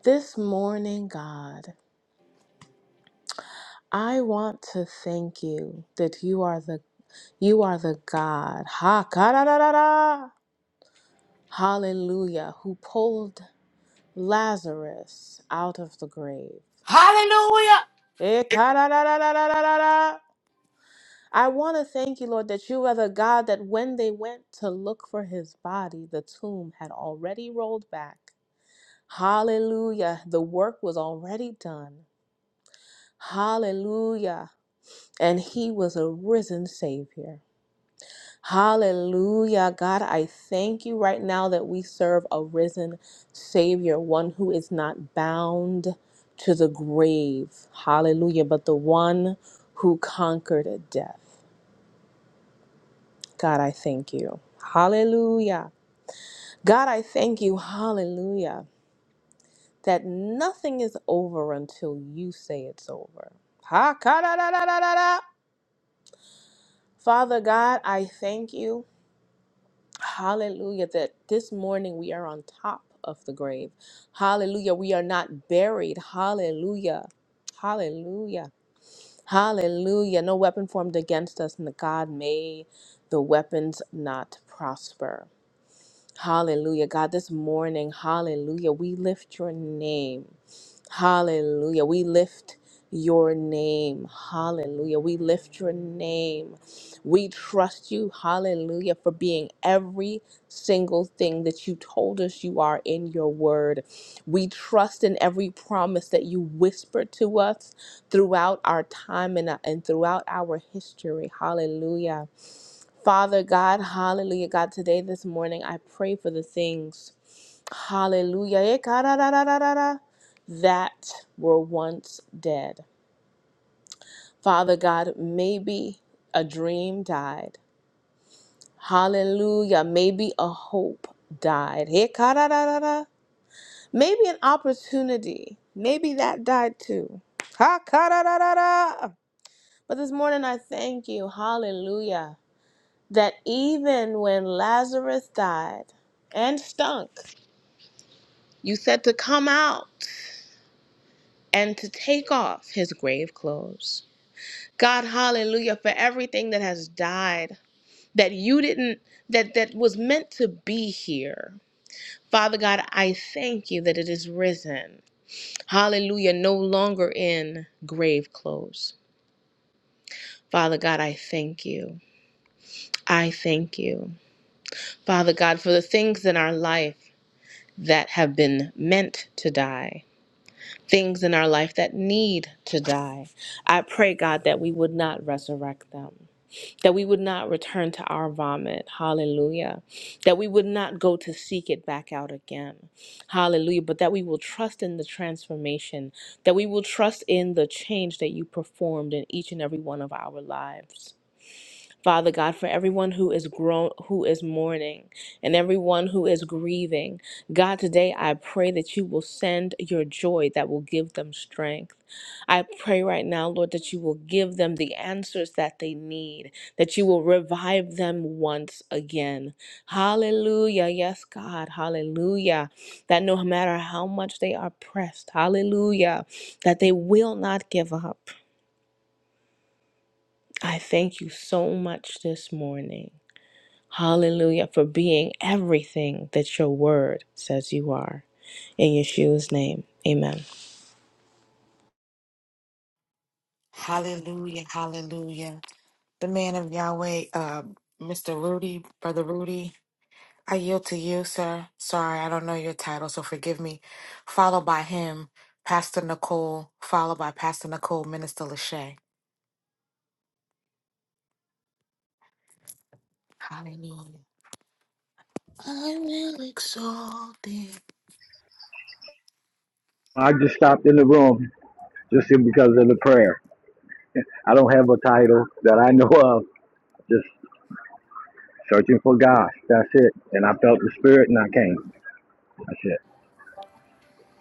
[SPEAKER 5] This morning, God, I want to thank you that you are the you are the God. Ha ka, da, da, da, da. Hallelujah, who pulled Lazarus out of the grave. Eh, ka, da, da, da, da, da, da, da, I want to thank you, Lord, that you are the God that when they went to look for his body, the tomb had already rolled back. Hallelujah. The work was already done. Hallelujah. And he was a risen Savior. Hallelujah. God, I thank you right now that we serve a risen Savior, one who is not bound to the grave. Hallelujah. But the one who conquered death. God, I thank you. Hallelujah. God, I thank you. Hallelujah. That nothing is over until you say it's over. Ha ka da da da da da. da. Father God, I thank you. Hallelujah. That this morning we are on top of the grave. Hallelujah. We are not buried. Hallelujah. Hallelujah. Hallelujah. No weapon formed against us, and God may the weapons not prosper. Hallelujah. God, this morning, hallelujah, we lift your name. Hallelujah. We lift your name. Hallelujah. We lift your name. We trust you, hallelujah, for being every single thing that you told us you are in your word. We trust in every promise that you whispered to us throughout our time and, uh, and throughout our history. Hallelujah. Father God, hallelujah, God, today, this morning, I pray for the things, hallelujah, eh, ka da da da da da that were once dead. Father God, maybe a dream died. Hallelujah, maybe a hope died. Eh, ka-da-da-da-da. Maybe an opportunity, maybe that died too. Ha, ka-da-da-da-da. But this morning, I thank you, hallelujah that even when Lazarus died and stunk, you said to come out and to take off his grave clothes. God, hallelujah, for everything that has died that you didn't, that, that was meant to be here. Father God, I thank you that it is risen. Hallelujah, no longer in grave clothes. Father God, I thank you. I thank you. Father God, for the things in our life. that have been meant to die, things in our life that need to die. I pray, God, that we would not resurrect them, that we would not return to our vomit. Hallelujah. That we would not go to seek it back out again. Hallelujah. But that we will trust in the transformation, that we will trust in the change that you performed in each and every one of our lives. Father God, for everyone who is grown, who is mourning, and everyone who is grieving, God, today I pray that you will send your joy that will give them strength. I pray right now, Lord, that you will give them the answers that they need, that you will revive them once again. Hallelujah. Yes, God. Hallelujah. That no matter how much they are pressed, hallelujah, that they will not give up. I thank you so much this morning. Hallelujah, for being everything that your word says you are. In Yeshua's name, amen.
[SPEAKER 1] Hallelujah, hallelujah. The man of Yahweh, uh, Mr. Rudy, Brother Rudy, I yield to you, sir. Sorry, I don't know your title, so forgive me. Followed by him, Pastor Nicole, followed by Pastor Nicole, Minister Lachey. Hallelujah. I will exalt thee.
[SPEAKER 8] I just stopped in the room just because of the prayer. I don't have a title that I know of. Just searching for God. That's it. And I felt the spirit and I came. That's it.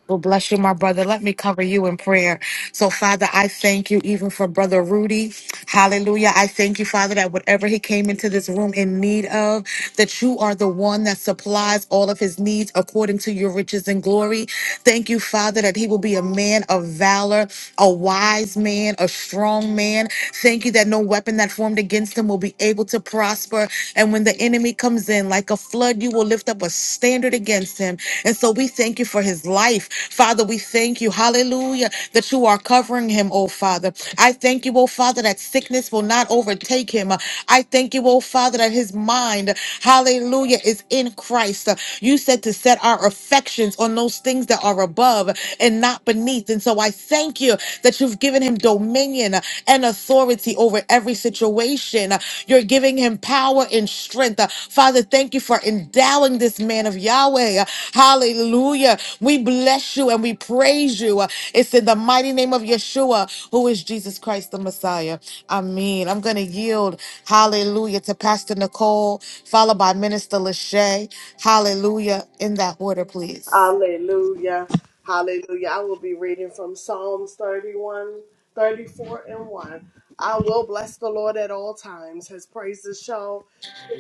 [SPEAKER 1] Well, bless you, my brother. Let me cover you in prayer. So, Father, I thank you even for Brother Rudy. Hallelujah. I thank you, Father, that whatever he came into this room in need of, that you are the one that supplies all of his needs according to your riches and glory. Thank you, Father, that he will be a man of valor, a wise man, a strong man. Thank you that no weapon that formed against him will be able to prosper. And when the enemy enemy comes in like a flood, you will lift up a standard against him. And so we thank you for his life. Father, we thank you, hallelujah, that you are covering him, oh Father. I thank you, oh Father, that sickness will not overtake him. I thank you, oh Father, that his mind, hallelujah, is in Christ. You said to set our affections on those things that are above and not beneath. And so I thank you that you've given him dominion dominion, uh, and authority over every situation. Uh, You're giving him power and strength. Uh, Father, thank you for endowing this man of Yahweh. Uh, Hallelujah. We bless you and we praise you. Uh, It's in the mighty name of Yeshua, who is Jesus Christ the Messiah. Amen. I'm going to yield, hallelujah, to Pastor Nicole, followed by Minister Lachey. Hallelujah. In that order, please.
[SPEAKER 7] Hallelujah. Hallelujah. I will be reading from Psalms 31, 34, and 1. I will bless the Lord at all times. His praises shall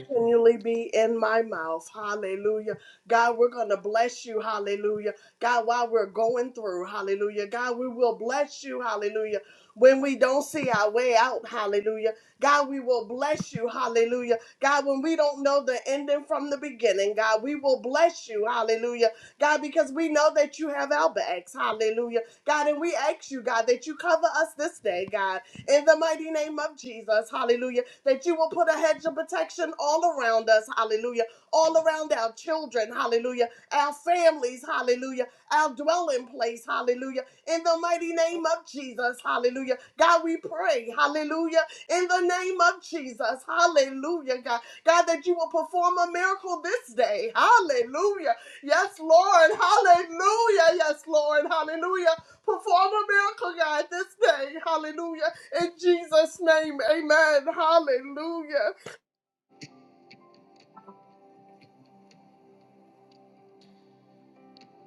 [SPEAKER 7] continually be in my mouth. Hallelujah. God, we're going to bless you. Hallelujah. God, while we're going through, hallelujah. God, we will bless you. Hallelujah. When we don't see our way out, hallelujah. God, we will bless you. Hallelujah. God, when we don't know the ending from the beginning, God, we will bless you. Hallelujah. God, because we know that you have our backs. Hallelujah. God, and we ask you, God, that you cover us this day, God, in the mighty name of Jesus. Hallelujah. That you will put a hedge of protection all around us. Hallelujah. All around our children. Hallelujah. Our families. Hallelujah. Our dwelling place. Hallelujah. In the mighty name of Jesus. Hallelujah. God, we pray. Hallelujah. In the name of Jesus. Hallelujah, God. God, that you will perform a miracle this day. Hallelujah. Yes, Lord. Hallelujah. Yes, Lord. Hallelujah. Perform a miracle, God, this day. Hallelujah. In Jesus' name. Amen. Hallelujah.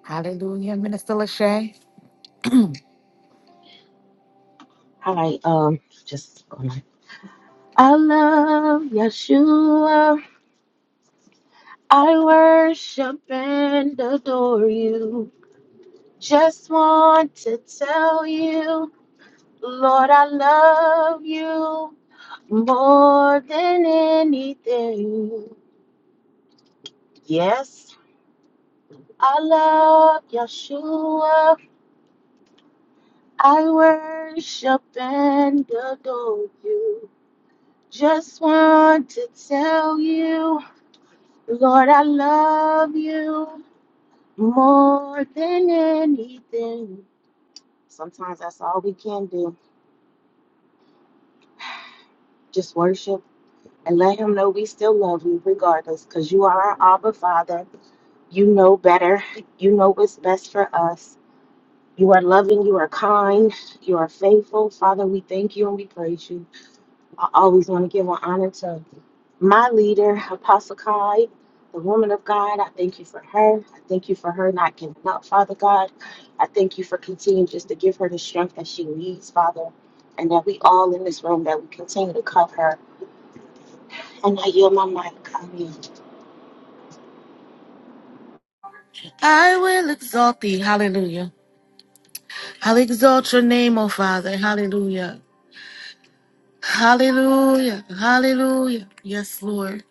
[SPEAKER 1] Hallelujah, Minister Lachey.
[SPEAKER 9] Hi, um, just going on. I love Yeshua. I worship and adore you. Just want to tell you, Lord, love you more than anything. Yes, I love Yeshua. I worship and adore you. Just want to tell you, Lord, I love you More than anything, sometimes that's all we can do. Just worship and let Him know we still love you regardless, because you are our Abba Father. You know better. You know what's best for us. You are loving. You are kind. You are faithful. Father, we thank you and we praise you. I always want to give an honor to my leader, Apostle Kai, the woman of God. I thank you for her. I thank you for her not giving up, Father God. I thank you for continuing just to give her the strength that she needs, Father, and that we all in this room that we continue to cover her. And I yield my mic. Amen.
[SPEAKER 1] I will exalt thee. Hallelujah. I'll exalt your name, O Father. Hallelujah. Hallelujah. Hallelujah. Yes, Lord.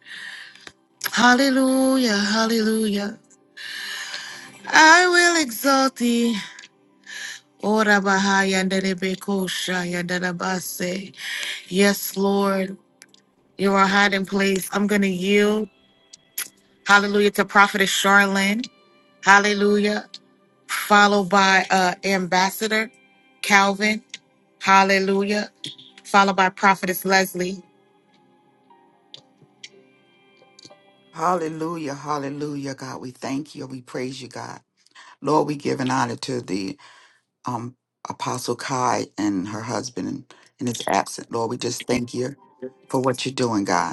[SPEAKER 1] Hallelujah. Hallelujah. I will exalt thee. Ora bahaya nderebe kosha ya nderabase. Yes, Lord. You are hiding place. I'm going to yield. Hallelujah to Prophetess Charlene. Hallelujah. Followed by uh, Ambassador Calvin. Hallelujah. Followed by Prophetess Leslie.
[SPEAKER 6] Hallelujah, hallelujah, God. We thank you. We praise you, God. Lord, we give an honor to thee. um, Apostle Kai and her husband in, his absent. Lord, we just thank you for what you're doing, God.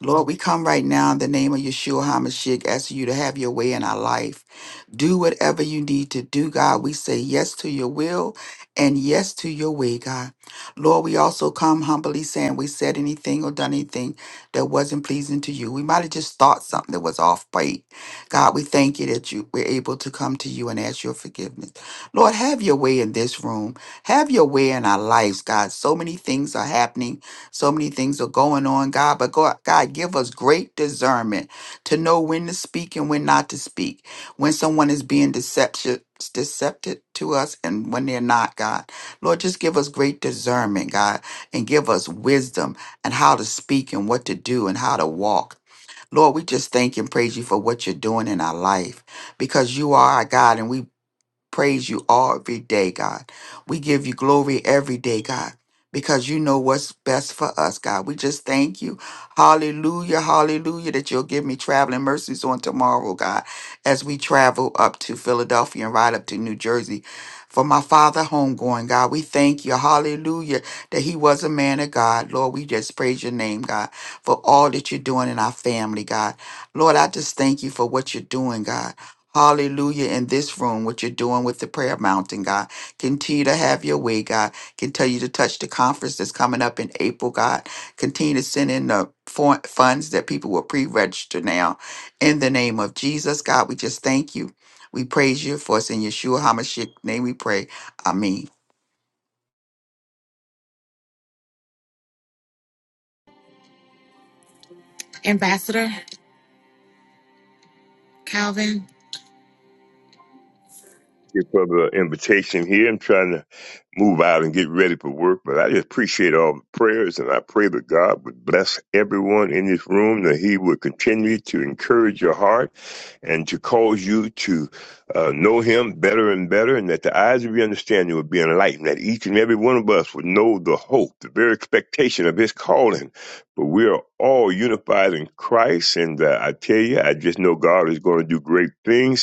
[SPEAKER 6] Lord, we come right now in the name of Yeshua HaMashiach, asking you to have your way in our life. Do whatever you need to do, God. We say yes to your will and yes to your way, God. Lord, we also come humbly saying we said anything or done anything that wasn't pleasing to you. We might have just thought something that was off bite. God, we thank you that you were able to come to you and ask your forgiveness. Lord, have your way in this room. Have your way in our lives, God. So many things are happening so many things are going on, God, but God, God, give us great discernment to know when to speak and when not to speak, when someone is being deceptive, deceptive to us and when they're not, God. Lord, just give us great discernment, God, and give us wisdom and how to speak and what to do and how to walk. Lord, we just thank and praise you for what you're doing in our life because you are our God and we praise you all every day, God. We give you glory every day, God, because you know what's best for us, God. We just thank you. Hallelujah, hallelujah, that you'll give me traveling mercies on tomorrow, God, as we travel up to Philadelphia and ride up to New Jersey. For my father homegoing, God, we thank you, hallelujah, that he was a man of God. Lord, we just praise your name, God, for all that you're doing in our family, God. Lord, I just thank you for what you're doing, God. Hallelujah. In this room, what you're doing with the prayer mountain, God. Continue to have your way, God. Continue to touch the conference that's coming up in April, God. Continue to send in the for- funds that people will pre register now. In the name of Jesus, God, we just thank you. We praise you for us in Yeshua HaMashiach. Name we pray. Amen.
[SPEAKER 1] Ambassador. Calvin.
[SPEAKER 10] Your brother an invitation here. I'm trying to move out and get ready for work, but I just appreciate all the prayers and I pray that God would bless everyone in this room, that He would continue to encourage your heart and to cause you to uh, know Him better and better, and that the eyes of your understanding would be enlightened, that each and every one of us would know the hope, the very expectation of His calling. But we are all unified in Christ, and uh, I tell you, I just know God is going to do great things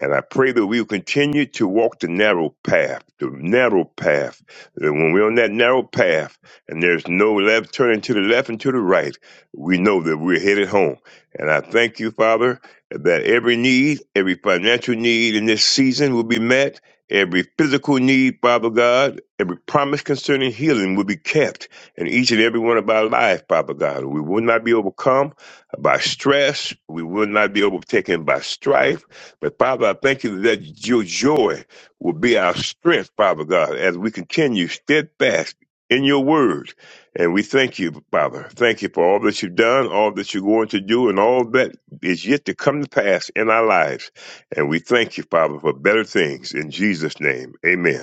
[SPEAKER 10] and I pray that we will continue to walk the narrow path, the narrow path. That when we're on that narrow path and there's no left turning to the left and to the right, we know that we're headed home. And I thank you, Father, that every need, every financial need in this season will be met. Every physical need, Father God, every promise concerning healing will be kept in each and every one of our lives, Father God. We will not be overcome by stress. We will not be overtaken by strife but Father, I thank you that your joy will be our strength, Father God, as we continue steadfast in your word. And we thank you, Father. Thank you for all that you've done, all that you're going to do, and all that is yet to come to pass in our lives. And we thank you, Father, for better things. In Jesus' name, amen.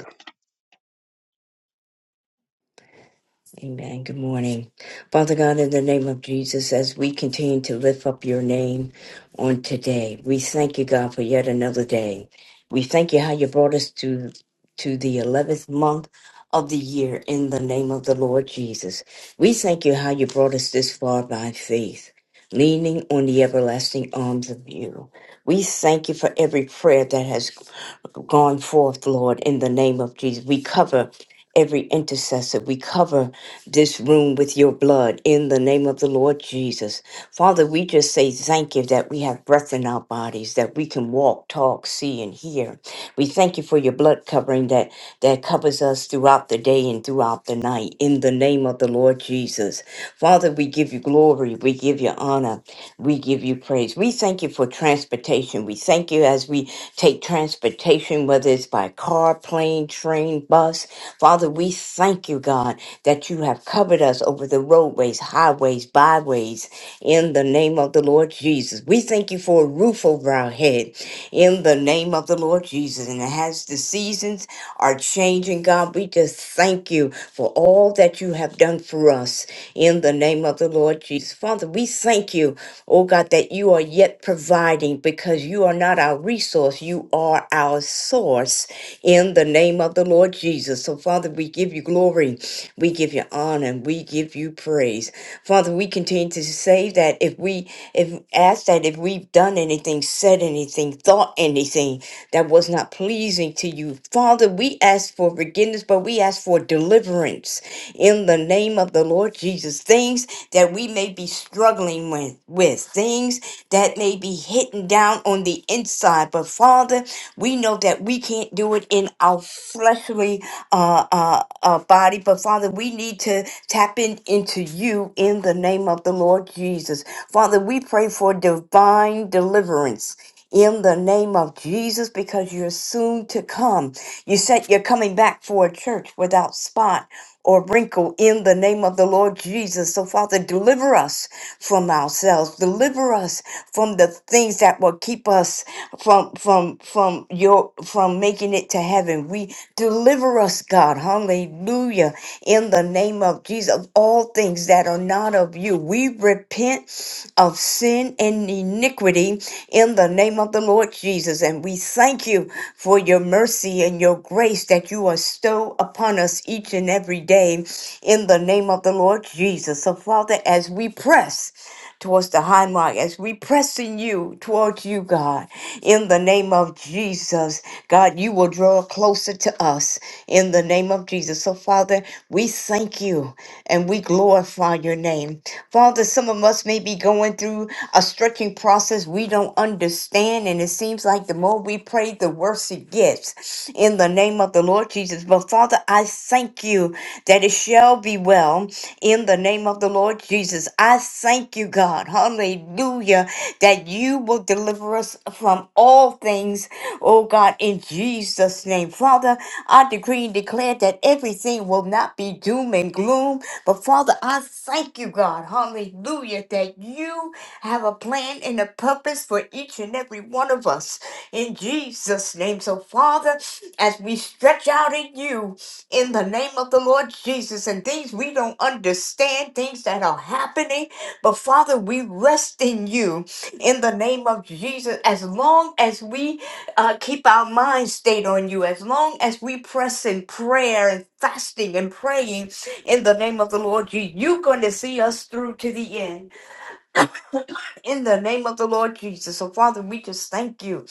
[SPEAKER 11] Amen. Good morning. Father God, in the name of Jesus, as we continue to lift up your name on today, we thank you, God, for yet another day. We thank you how you brought us to, to the 11th month of the year in the name of the Lord Jesus. We thank you how you brought us this far by faith, leaning on the everlasting arms of you. We thank you for every prayer that has gone forth, Lord, in the name of Jesus. We cover every intercessor. We cover this room with your blood in the name of the Lord Jesus. Father, we just say thank you that we have breath in our bodies, that we can walk, talk, see, and hear. We thank you for your blood covering that that covers us throughout the day and throughout the night in the name of the Lord Jesus. Father, we give you glory. We give you honor. We give you praise. We thank you for transportation. We thank you as we take transportation, whether it's by car, plane, train, bus. Father, we thank you, God, that you have covered us over the roadways, highways, byways, in the name of the Lord Jesus. We thank you for a roof over our head, in the name of the Lord Jesus. And as the seasons are changing, God, we just thank you for all that you have done for us in the name of the Lord Jesus. Father, we thank you, oh God, that you are yet providing because you are not our resource, you are our source in the name of the Lord Jesus. So, Father, we give you glory, we give you honor, and we give you praise. Father, we continue to say that if we if ask that if we've done anything, said anything, thought anything that was not pleasing to you, Father, we ask ask for forgiveness, but we ask for deliverance in the name of the Lord Jesus. Things that we may be struggling with, with things that may be hitting down on the inside. But Father, we know that we can't do it in our fleshly uh, uh, uh, body. But Father, we need to tap in into you in the name of the Lord Jesus. Father, we pray for divine deliverance in the name of Jesus because you're soon to come. You said you're coming back for a church without spot or wrinkle in the name of the Lord Jesus. So, Father, deliver us from ourselves. Deliver us from the things that will keep us from from from your from making it to heaven. We deliver us, God, hallelujah, in the name of Jesus of all things things that are not of you. We repent of sin and iniquity in the name of the Lord Jesus. And we thank you for your mercy and your grace that you bestow upon us each and every day in the name of the Lord Jesus. So, Father, as we press, towards the high mark as we press in you towards you god in the name of jesus god you will draw closer to us in the name of jesus so father we thank you and we glorify your name. Father, some of us may be going through a stretching process we don't understand, and it seems like the more we pray, the worse it gets. In the name of the Lord Jesus. But Father, I thank you that it shall be well. In the name of the Lord Jesus, I thank Thank you, God. Hallelujah. That you will deliver us from all things, oh God, in Jesus' name. Father, I decree and declare that everything will not be doom and gloom. But Father, I thank you, God. Hallelujah. That you have a plan and a purpose for each and every one of us in Jesus' name. So, Father, as we stretch out in you, in the name of the Lord Jesus, and things we don't understand, things that are happening. But Father, we rest in you in the name of Jesus as long as we uh, keep our minds stayed on you, as long as we press in prayer and fasting and praying in the name of the Lord Jesus, you're going to see us through to the end in the name of the Lord Jesus. So, Father, we just thank you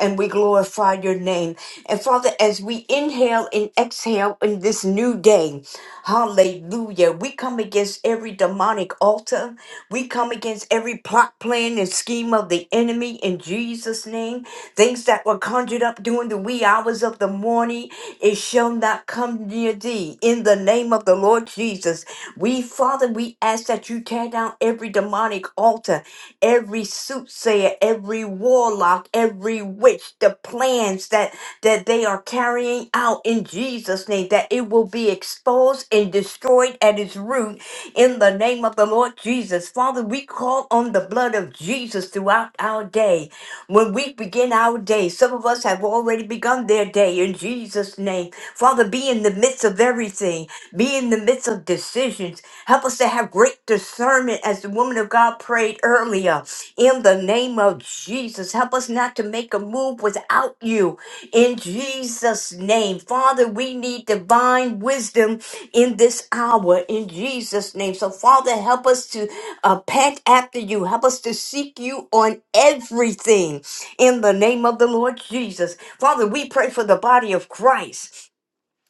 [SPEAKER 11] and we glorify your name. And, Father, as we inhale and exhale in this new day, hallelujah, we come against every demonic altar. We come against every plot, plan, and scheme of the enemy in Jesus' name. Things that were conjured up during the wee hours of the morning, it shall not come near thee. In the name of the Lord Jesus, we, Father, we ask that you tear down every demonic altar every soothsayer, every warlock, every witch, the plans that that they are carrying out in Jesus' name, that it will be exposed and destroyed at its root in the name of the Lord Jesus. Father, we call on the blood of Jesus throughout our day. When we begin our day, some of us have already begun their day in Jesus' name. Father, be in the midst of everything, be in the midst of decisions, Help us to have great discernment as the woman of God prayed earlier. In the name of Jesus, help us not to make a move without you. In Jesus' name, Father, we need divine wisdom in this hour. In Jesus' name. So, Father, help us to uh, pant after you. Help us to seek you on everything in the name of the Lord Jesus. Father, we pray for the body of Christ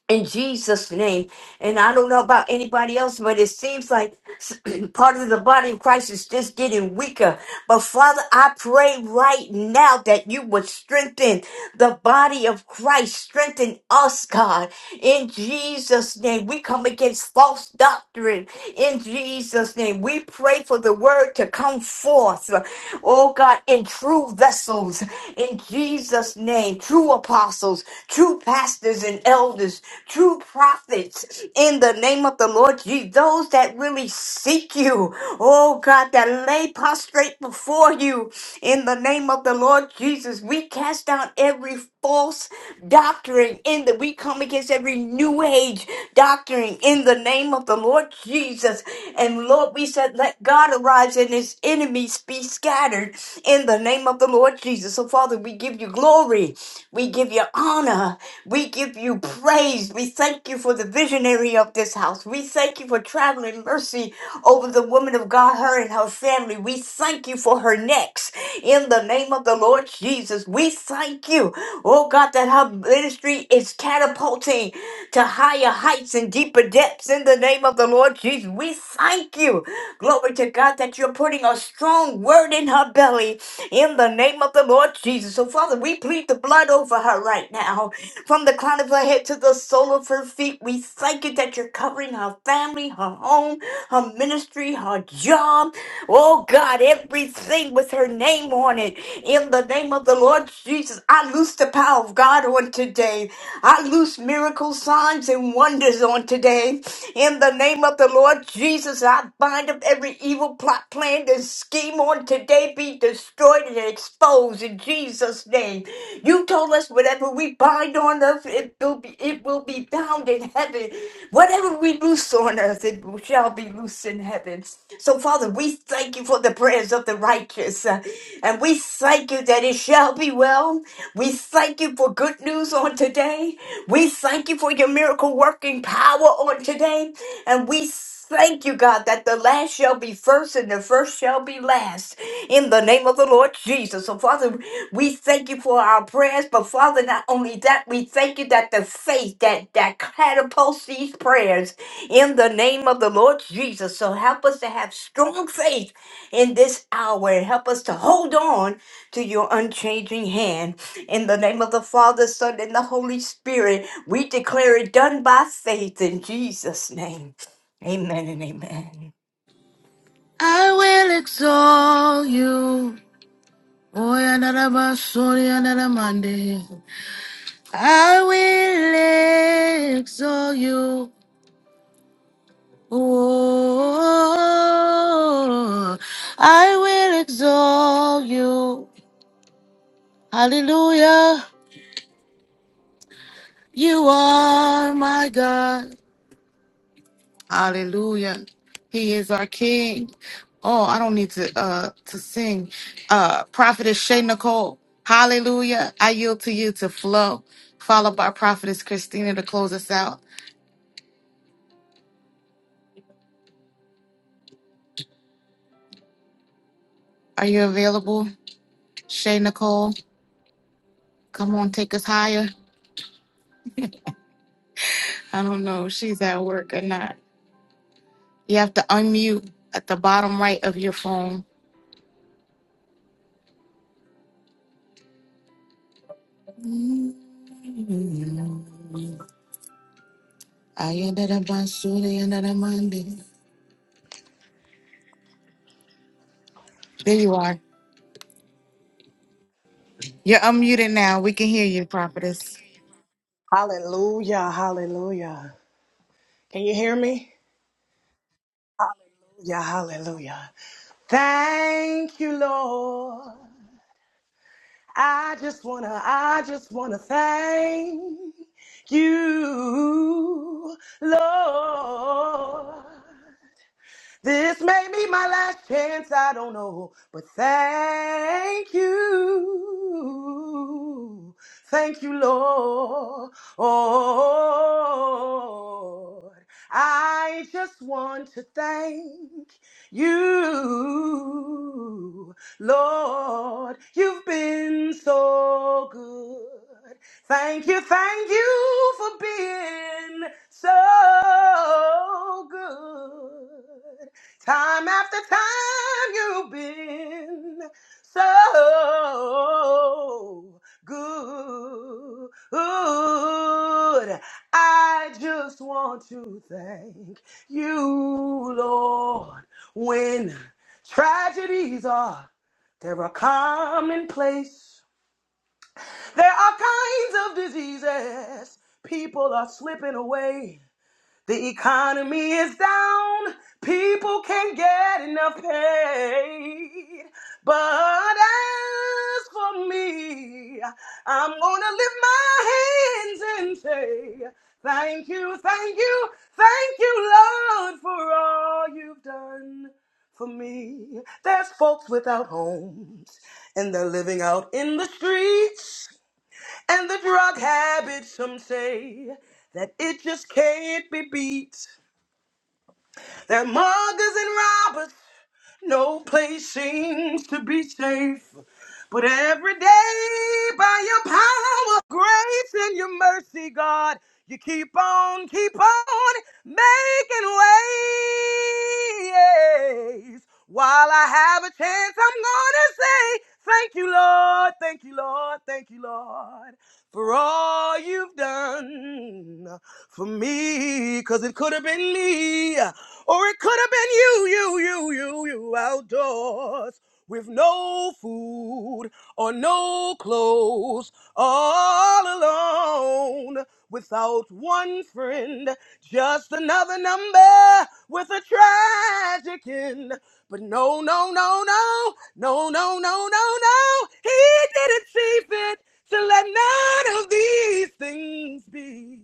[SPEAKER 11] in Jesus' name. And I don't know about anybody else, but it seems like s- Part of the body of Christ is just getting weaker. But Father, I pray right now that you would strengthen the body of Christ. Strengthen us, God. In Jesus' name, we come against false doctrine. In Jesus' name, we pray for the word to come forth. Oh God, in true vessels. In Jesus' name, true apostles, true pastors and elders, true prophets prophets in the name of the Lord Jesus, those that really seek you, oh God, that lay prostrate before you in the name of the Lord Jesus. We cast down every false doctrine in the we come against every new age doctrine in the name of the Lord Jesus. And Lord, we said, let God arise and his enemies be scattered in the name of the Lord Jesus. So, Father, we give you glory. We give you honor. We give you praise. We thank you for the visionary of this house. We thank you for traveling mercy over the woman of God, her and her family. We thank you for her next. In the name of the Lord Jesus, we thank you, oh God, that her ministry is catapulting to higher heights and deeper depths. In the name of the Lord Jesus, we thank you. Glory to God that you're putting a strong word in her belly in the name of the Lord Jesus. So, Father, we plead the blood over her right now. From the crown of her head to the sole of her feet, we thank you that you're covering her family, her home, her ministry, her job. Oh, God, everything with her name on it. In the name of the Lord Jesus, I loose the power of God on today. I loose miracles, signs, and wonders on today today. In the name of the Lord Jesus, I bind up every evil plot, plan, and scheme on today be destroyed and exposed in Jesus' name. You told us whatever we bind on earth, it will be it will be bound in heaven. Whatever we loose on earth, it shall be loose in heaven. So, Father, we thank you for the prayers of the righteous, uh, and we thank you that it shall be well. We thank you for good news on today. We thank you for your miracle working power on today. And we thank you, God, that the last shall be first and the first shall be last. In the name of the Lord Jesus. So, Father, we thank you for our prayers. But, Father, not only that, we thank you that the faith that, that catapults these prayers in the name of the Lord Jesus. So, help us to have strong faith in this hour and help us to hold on to your unchanging hand in the name of the Father, Son, and the Holy Spirit, we declare it done by faith in Jesus' name. Amen and amen.
[SPEAKER 1] I will exalt you. Oh, another sorry, another Monday. I will exalt you. Oh, I will exalt you. Hallelujah. You are my God. Hallelujah. He is our King. Oh, I don't need to uh to sing. Uh Prophetess Shay Nicole. Hallelujah. I yield to you to flow, followed by Prophetess Christina to close us out. Are you available? Shay Nicole, come on, take us higher. I don't know if she's at work or not. You have to unmute at the bottom right of your phone. There you are. You're unmuted now. We can hear you, Prophetess.
[SPEAKER 12] Hallelujah, hallelujah. Can you hear me? Yeah, hallelujah. Thank you, Lord. I just wanna, I just wanna thank you, Lord. This may be my last chance, I don't know, but thank you. Thank you, Lord. I just want to thank you, Lord, you've been so good. Thank you, thank you for being so good. Time after time, you've been so good. I just want to thank you, Lord. When tragedies are, they're a commonplace. There are kinds of diseases. People are slipping away. The economy is down. People can't get enough paid. But as for me, I'm gonna lift my hands and say, Thank you, thank you, thank you, Lord, for all you've done for me. There's folks without homes, and they're living out in the streets. And the drug habit, some say that it just can't be beat. That muggers and robbers, no place seems to be safe. But every day, by your power, grace, and your mercy, God, you keep on, keep on making ways. While I have a chance, I'm going to say, Thank you, Lord, thank you, Lord, thank you, Lord for all you've done for me. Cause it could have been me, or it could have been you, you, you, you, you outdoors with no food or no clothes, all alone without one friend, just another number with a tragic end. But no, no, no, no, no, no, no, no, no. He didn't see fit to let none of these things be.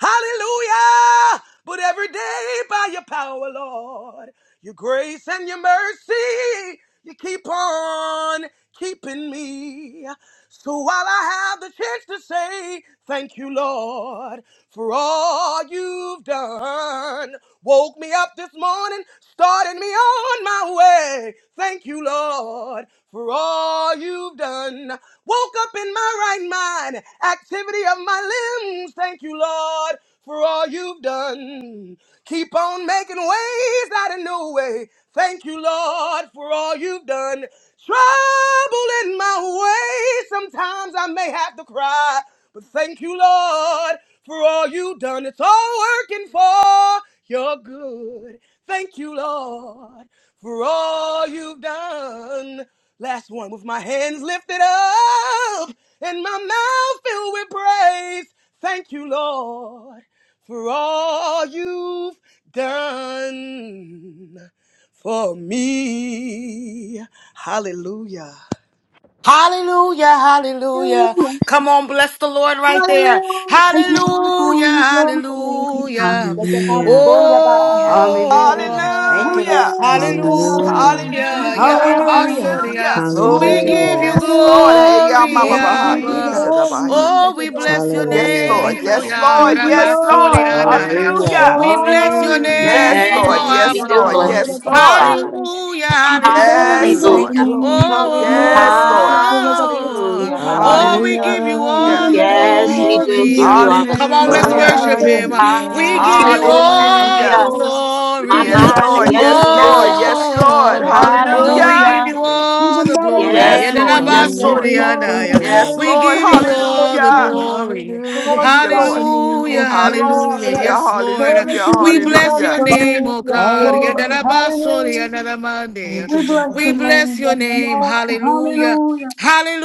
[SPEAKER 12] Hallelujah. But every day by your power, Lord, your grace and your mercy, you keep on keeping me. So while I have the chance to say thank you, Lord, for all you've done. Woke me up this morning, started me on my way. Thank you, Lord, for all you've done. Woke up in my right mind, activity of my limbs. Thank you, Lord, for all you've done. Keep on making ways out of no way. Thank you, Lord, for all you've done. Trouble in my way. Sometimes I may have to cry. But thank you, Lord, for all you have done. It's all working for your good. Thank you, Lord, for all you've done. Last one with my hands lifted up and my mouth filled with praise. Thank you, Lord, for all you've done for me. Hallelujah.
[SPEAKER 1] Hallelujah, hallelujah. Come on, bless the Lord right there.
[SPEAKER 2] Hallelujah. Thank you, Lord, for
[SPEAKER 1] Hallelujah,
[SPEAKER 2] all you've done for me.
[SPEAKER 1] hallelujah.
[SPEAKER 2] Let the box
[SPEAKER 5] Hallelujah.
[SPEAKER 1] Oh,
[SPEAKER 2] go to buy.
[SPEAKER 11] Hallelujah. Thank you, Lord
[SPEAKER 6] Hallelujah.
[SPEAKER 2] Hallelujah,
[SPEAKER 11] Jesus.
[SPEAKER 2] hallelujah.
[SPEAKER 5] Hallelujah.
[SPEAKER 1] hallelujah.
[SPEAKER 2] Thank you,
[SPEAKER 6] Hallelujah.
[SPEAKER 2] Lord.
[SPEAKER 11] Hallelujah.
[SPEAKER 1] Yadarabasoria.
[SPEAKER 6] Hallelujah.
[SPEAKER 11] Glory
[SPEAKER 1] We
[SPEAKER 11] to you.
[SPEAKER 1] give you
[SPEAKER 5] Hallelujah.
[SPEAKER 6] Yes, Lord. Hey, y'all,
[SPEAKER 1] glory,
[SPEAKER 2] Hallelujah. We
[SPEAKER 11] Thank you,
[SPEAKER 2] give you
[SPEAKER 1] Abba.
[SPEAKER 11] Jesus.
[SPEAKER 6] mama,
[SPEAKER 2] glory.
[SPEAKER 1] Oh,
[SPEAKER 2] Let the
[SPEAKER 1] we
[SPEAKER 2] box
[SPEAKER 1] bless your
[SPEAKER 6] Yes,
[SPEAKER 2] go.
[SPEAKER 5] Hallelujah.
[SPEAKER 6] Lord.
[SPEAKER 11] Thank
[SPEAKER 1] name,
[SPEAKER 11] you,
[SPEAKER 1] oh,
[SPEAKER 6] Yes,
[SPEAKER 11] Lord.
[SPEAKER 6] Lord.
[SPEAKER 2] Thank you,
[SPEAKER 6] Yes, Lord.
[SPEAKER 2] Lord,
[SPEAKER 1] Yarabasoria.
[SPEAKER 2] for
[SPEAKER 5] Hallelujah.
[SPEAKER 6] Hallelujah.
[SPEAKER 1] We bless
[SPEAKER 2] all
[SPEAKER 1] your
[SPEAKER 2] you've
[SPEAKER 11] Hallelujah.
[SPEAKER 2] done
[SPEAKER 6] Yes,
[SPEAKER 1] name,
[SPEAKER 2] for
[SPEAKER 6] Lord.
[SPEAKER 1] oh,
[SPEAKER 2] me.
[SPEAKER 9] Yes, we
[SPEAKER 6] Yes,
[SPEAKER 2] Yes,
[SPEAKER 9] do
[SPEAKER 6] Lord.
[SPEAKER 1] Abba.
[SPEAKER 9] bless
[SPEAKER 2] Lord,
[SPEAKER 11] Thank
[SPEAKER 9] your
[SPEAKER 11] you,
[SPEAKER 2] the
[SPEAKER 6] Yes,
[SPEAKER 9] name,
[SPEAKER 2] box
[SPEAKER 11] Jesus.
[SPEAKER 6] Lord.
[SPEAKER 9] Father.
[SPEAKER 2] go.
[SPEAKER 1] Hallelujah,
[SPEAKER 2] You've been better
[SPEAKER 11] We
[SPEAKER 2] than
[SPEAKER 6] Yes,
[SPEAKER 1] hallelujah.
[SPEAKER 2] good to
[SPEAKER 6] Lord.
[SPEAKER 11] thank
[SPEAKER 9] Hallelujah.
[SPEAKER 11] you, Lord.
[SPEAKER 2] me. Yes, Lord.
[SPEAKER 6] Yes,
[SPEAKER 11] Hallelujah.
[SPEAKER 6] Lord.
[SPEAKER 2] Yes, Lord, let the box
[SPEAKER 1] Oh,
[SPEAKER 2] go
[SPEAKER 9] Hallelujah.
[SPEAKER 2] to
[SPEAKER 1] oh, we
[SPEAKER 9] Hallelujah.
[SPEAKER 1] give you
[SPEAKER 2] You've
[SPEAKER 6] Hallelujah.
[SPEAKER 1] all
[SPEAKER 2] been
[SPEAKER 5] Hallelujah.
[SPEAKER 1] the
[SPEAKER 2] better than
[SPEAKER 9] Yes,
[SPEAKER 11] Thank
[SPEAKER 9] we
[SPEAKER 11] you,
[SPEAKER 2] good to
[SPEAKER 9] do
[SPEAKER 1] glory.
[SPEAKER 11] Jesus.
[SPEAKER 9] give
[SPEAKER 1] Uh,
[SPEAKER 9] you all
[SPEAKER 2] me.
[SPEAKER 9] the
[SPEAKER 2] Yes,
[SPEAKER 1] Come on,
[SPEAKER 9] glory.
[SPEAKER 1] let's
[SPEAKER 2] Lord, I
[SPEAKER 6] Hallelujah.
[SPEAKER 1] worship
[SPEAKER 11] Hallelujah.
[SPEAKER 1] him.
[SPEAKER 2] thank
[SPEAKER 1] Uh,
[SPEAKER 2] you,
[SPEAKER 1] We
[SPEAKER 2] Lord,
[SPEAKER 1] give
[SPEAKER 2] I
[SPEAKER 5] Hallelujah.
[SPEAKER 1] you
[SPEAKER 2] thank you,
[SPEAKER 11] Thank you,
[SPEAKER 1] all the
[SPEAKER 6] Hallelujah.
[SPEAKER 9] Hallelujah.
[SPEAKER 2] Lord.
[SPEAKER 11] Jesus.
[SPEAKER 2] You've
[SPEAKER 1] glory.
[SPEAKER 9] Mama,
[SPEAKER 2] been
[SPEAKER 6] Yes,
[SPEAKER 1] Uh,
[SPEAKER 2] better
[SPEAKER 6] Lord.
[SPEAKER 11] Thank
[SPEAKER 2] than
[SPEAKER 9] yes,
[SPEAKER 2] good
[SPEAKER 6] Yes,
[SPEAKER 9] we
[SPEAKER 2] to me.
[SPEAKER 6] Lord.
[SPEAKER 9] do.
[SPEAKER 2] Yes,
[SPEAKER 6] Yes, Lord.
[SPEAKER 1] Oh,
[SPEAKER 2] Lord, I
[SPEAKER 1] oh, we
[SPEAKER 2] thank
[SPEAKER 6] Hallelujah.
[SPEAKER 2] you.
[SPEAKER 1] give
[SPEAKER 9] Hallelujah.
[SPEAKER 11] you,
[SPEAKER 1] you
[SPEAKER 11] Lord.
[SPEAKER 2] You've
[SPEAKER 1] all
[SPEAKER 2] been
[SPEAKER 1] the
[SPEAKER 2] better than
[SPEAKER 1] glory.
[SPEAKER 2] good
[SPEAKER 6] Yes,
[SPEAKER 11] Thank
[SPEAKER 2] to
[SPEAKER 11] you,
[SPEAKER 9] Yes.
[SPEAKER 6] Lord.
[SPEAKER 2] me.
[SPEAKER 6] Yes,
[SPEAKER 2] Yes,
[SPEAKER 11] Jesus.
[SPEAKER 6] Lord.
[SPEAKER 5] Hallelujah.
[SPEAKER 2] Lord,
[SPEAKER 5] Thank
[SPEAKER 1] Yedelabasoriadaya.
[SPEAKER 6] Yes,
[SPEAKER 5] you,
[SPEAKER 1] We
[SPEAKER 6] Lord.
[SPEAKER 1] give you
[SPEAKER 2] hallelujah.
[SPEAKER 1] all
[SPEAKER 2] Thank
[SPEAKER 1] the
[SPEAKER 6] Hallelujah.
[SPEAKER 2] you
[SPEAKER 1] glory.
[SPEAKER 2] for all
[SPEAKER 11] Hallelujah.
[SPEAKER 6] Thank
[SPEAKER 2] you've
[SPEAKER 6] you,
[SPEAKER 2] done for
[SPEAKER 6] Lord.
[SPEAKER 2] me. Yes,
[SPEAKER 1] Hallelujah,
[SPEAKER 11] Thank you,
[SPEAKER 1] hallelujah.
[SPEAKER 11] Jesus.
[SPEAKER 6] Hallelujah.
[SPEAKER 2] Lord,
[SPEAKER 1] Yes,
[SPEAKER 2] for
[SPEAKER 1] Lord. Uh,
[SPEAKER 6] Hallelujah.
[SPEAKER 2] everything
[SPEAKER 1] We
[SPEAKER 2] you've
[SPEAKER 1] bless
[SPEAKER 2] done
[SPEAKER 6] Hallelujah.
[SPEAKER 1] your
[SPEAKER 2] for
[SPEAKER 1] name,
[SPEAKER 2] me.
[SPEAKER 1] oh
[SPEAKER 2] Yes,
[SPEAKER 1] God.
[SPEAKER 2] Lord,
[SPEAKER 11] Hallelujah.
[SPEAKER 2] hallelujah.
[SPEAKER 1] Yedelabasoriadamande.
[SPEAKER 11] Thank
[SPEAKER 2] We
[SPEAKER 11] you,
[SPEAKER 2] bless
[SPEAKER 1] We
[SPEAKER 2] your
[SPEAKER 11] Lord.
[SPEAKER 1] bless
[SPEAKER 2] name,
[SPEAKER 1] your
[SPEAKER 2] yes,
[SPEAKER 1] name.
[SPEAKER 2] Lord.
[SPEAKER 1] Hallelujah.
[SPEAKER 2] Hallelujah.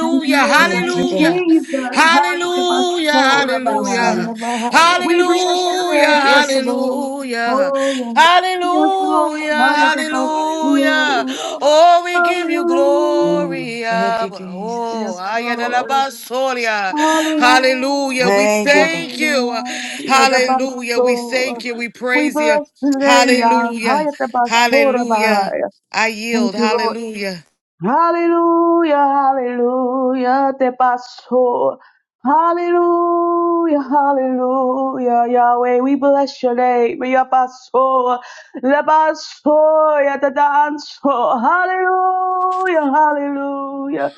[SPEAKER 2] Thank you, Lord, for
[SPEAKER 11] Thank you,
[SPEAKER 2] every
[SPEAKER 1] hallelujah,
[SPEAKER 11] God.
[SPEAKER 2] Jesus. Highest of us,
[SPEAKER 1] hallelujah,
[SPEAKER 2] Lord,
[SPEAKER 11] So son
[SPEAKER 1] hallelujah,
[SPEAKER 2] above.
[SPEAKER 11] of my higher.
[SPEAKER 2] We bless
[SPEAKER 1] hallelujah,
[SPEAKER 2] your
[SPEAKER 11] Yes,
[SPEAKER 2] name.
[SPEAKER 11] Lord.
[SPEAKER 1] hallelujah,
[SPEAKER 2] Oh, yes, yes Lord.
[SPEAKER 1] hallelujah,
[SPEAKER 2] Hallelujah. of us,
[SPEAKER 1] hallelujah.
[SPEAKER 2] Lord.
[SPEAKER 1] Oh, we give you
[SPEAKER 2] Hallelujah.
[SPEAKER 11] Glory.
[SPEAKER 1] glory.
[SPEAKER 11] Thank you,
[SPEAKER 1] Abba.
[SPEAKER 11] Jesus.
[SPEAKER 2] Yes,
[SPEAKER 1] Oh,
[SPEAKER 2] Lord.
[SPEAKER 1] ayadalabasoria. hallelujah.
[SPEAKER 2] Hallelujah.
[SPEAKER 1] We
[SPEAKER 11] Thank you, Lord.
[SPEAKER 1] thank you.
[SPEAKER 2] Hallelujah. The best
[SPEAKER 1] Hallelujah. We thank
[SPEAKER 2] Lord.
[SPEAKER 1] you. We
[SPEAKER 2] We
[SPEAKER 1] praise you.
[SPEAKER 2] bless your name, Yah.
[SPEAKER 1] Hallelujah.
[SPEAKER 2] Highest of us, Lord,
[SPEAKER 1] Hallelujah.
[SPEAKER 2] above.
[SPEAKER 1] I
[SPEAKER 2] Thank
[SPEAKER 1] yield.
[SPEAKER 2] you, Lord.
[SPEAKER 1] Hallelujah.
[SPEAKER 2] Hallelujah, hallelujah, te paso. Hallelujah, hallelujah, Yahweh, we bless your name. Ya paso, le paso, ya te danzo. Hallelujah, hallelujah.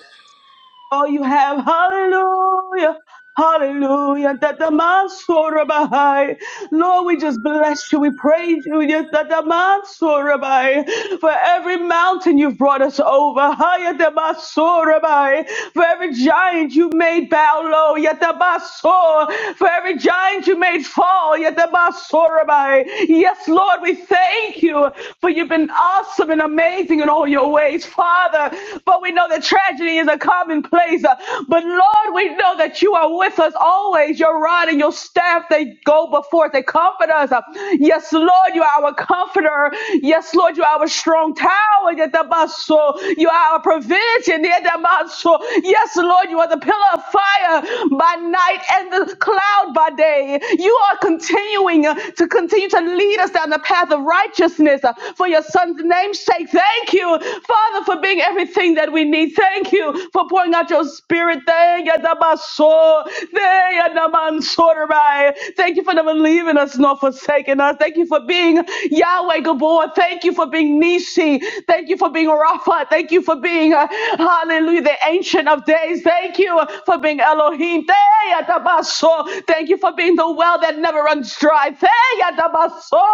[SPEAKER 2] Oh, you have hallelujah. Hallelujah. Tatamasorabai. Lord, we just bless you. We praise you. Yes, tatamasorabai. For every mountain you've brought us over. Hayatamasorabai. For every giant you made bow low. Yatabaso. For every giant you made fall. Yatabasorabai. Yes, Lord, we thank you for you've been awesome and amazing in all your ways, Father. But we know that tragedy is a commonplace. But Lord, we know that you are with us always. Your rod and your staff, they go before us. They comfort us. Yes, Lord, you are our comforter. Yes, Lord, you are our strong tower. Yetabaso. You are our provision. Yetabaso. Yes, Lord, you are the pillar of fire by night and the cloud by day. You are continuing uh, to continue to lead us down the path of righteousness uh, for your son's name's sake. Thank you, Father, for being everything that we need thank you for pouring out your spirit. Thank you, Adabaso. Thank you, Adamansorai. Thank you for never leaving us nor forsaking us. Thank you for being Yahweh Gabor. Thank you for being Nisi. Thank you for being Rapha. Thank you for being, uh, hallelujah, the Ancient of Days. Thank you for being Elohim. Thank you, Adabaso. Thank you for being the well that never runs dry. Thank you, Adabaso.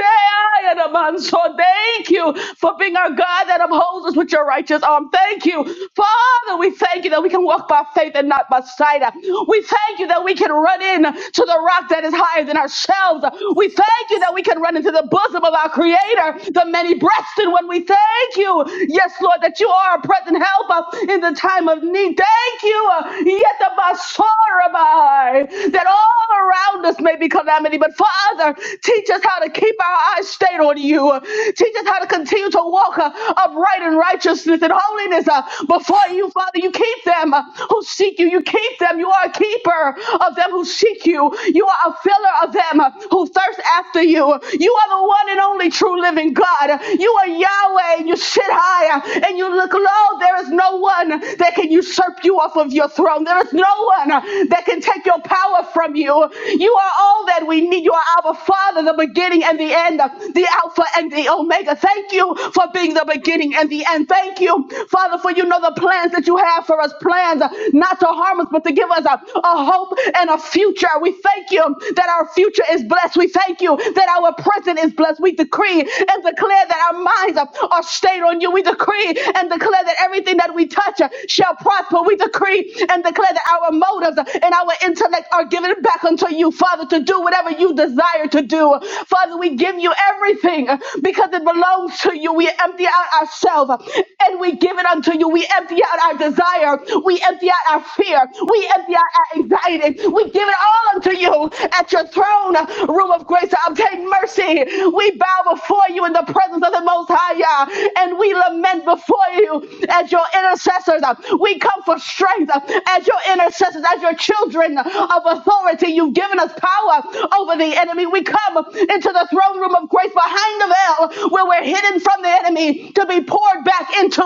[SPEAKER 2] Thank you, Adamanso. Thank you for being our God that upholds oppose us with your righteous arm. Thank you, Father. We thank you that we can walk by faith and not by sight. We thank you that we can run in to the rock that is higher than ourselves. We thank you that we can run into the bosom of our Creator, the many breasted one. We thank you, yes, Lord, that you are a present help uh, in the time of need. Thank you, uh, yet of my sorrow, that all around us may be calamity. But Father, teach us how to keep our eyes stayed on you. Teach us how how to continue to walk uh, upright in righteousness and holiness uh, before you, Father. You keep them uh, who seek you. You keep them. You are a keeper of them who seek you. You are a filler of them uh, who thirst after you. You are the one and only true living God. You are Yahweh. and You sit high uh, and you look low. There is no one that can usurp you off of your throne. There is no one uh, that can take your power from you. You are all that we need. You are our Father, the beginning and the end end, the Alpha and the Omega. Thank you for being the beginning and the end. Thank you, Father, for you know the plans that you have for us plans uh, not to harm us, but to give us a, a hope and a future. We thank you that our future is blessed. We thank you that our present is blessed. We decree and declare that our minds are are stayed on you. We decree and declare that everything that we touch uh, shall prosper. We decree and declare that our motives uh, and our intellect are given back unto you, Father, to do whatever you desire desire to do. Father, we give you everything because it belongs to you. We empty out ourselves and we give it unto you. We empty out our desire. We empty out our fear. We empty out our anxiety. We give it all unto you at your throne room of grace to obtain mercy. We bow before you in the presence of the Most High, Yah, and we lament before you as your intercessors. We come for strength as your intercessors, as your children of authority. You You've given us power over the enemy. We come into the throne room of grace behind the veil where we're hidden from the enemy to be poured back into.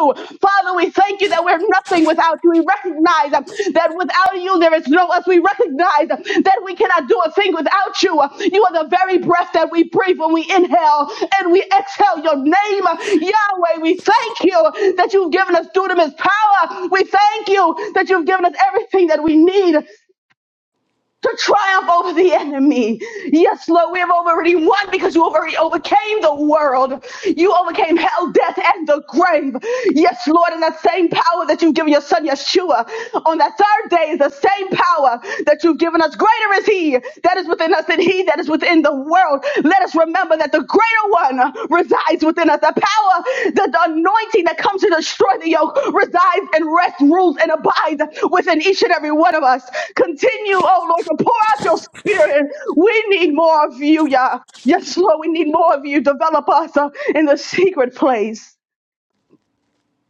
[SPEAKER 2] Father, we thank you that we're nothing without you. We recognize that without you, there is no us. We recognize that we cannot do a thing without you. You are the very breath that we breathe when we inhale and we exhale your name. Yahweh, we thank you that you've given us dunamis power. We thank you that you've given us everything that we need to triumph over the enemy. Yes, Lord, we have already won because you already overcame the world. You overcame hell, death, and the grave. Yes, Lord, and that same power that you've given your son Yeshua on that third day is the same power that you've given us. Greater is he that is within us than he that is within the world. Let us let us remember that the greater one resides within us. The power, the, the anointing that comes to destroy the yoke resides and rests, rules, and abides within each and every one of us. Continue, oh Lord, to pour out your spirit. We need more of you, Yah. Yes, Lord, we need more of you. Develop us uh, in the secret place.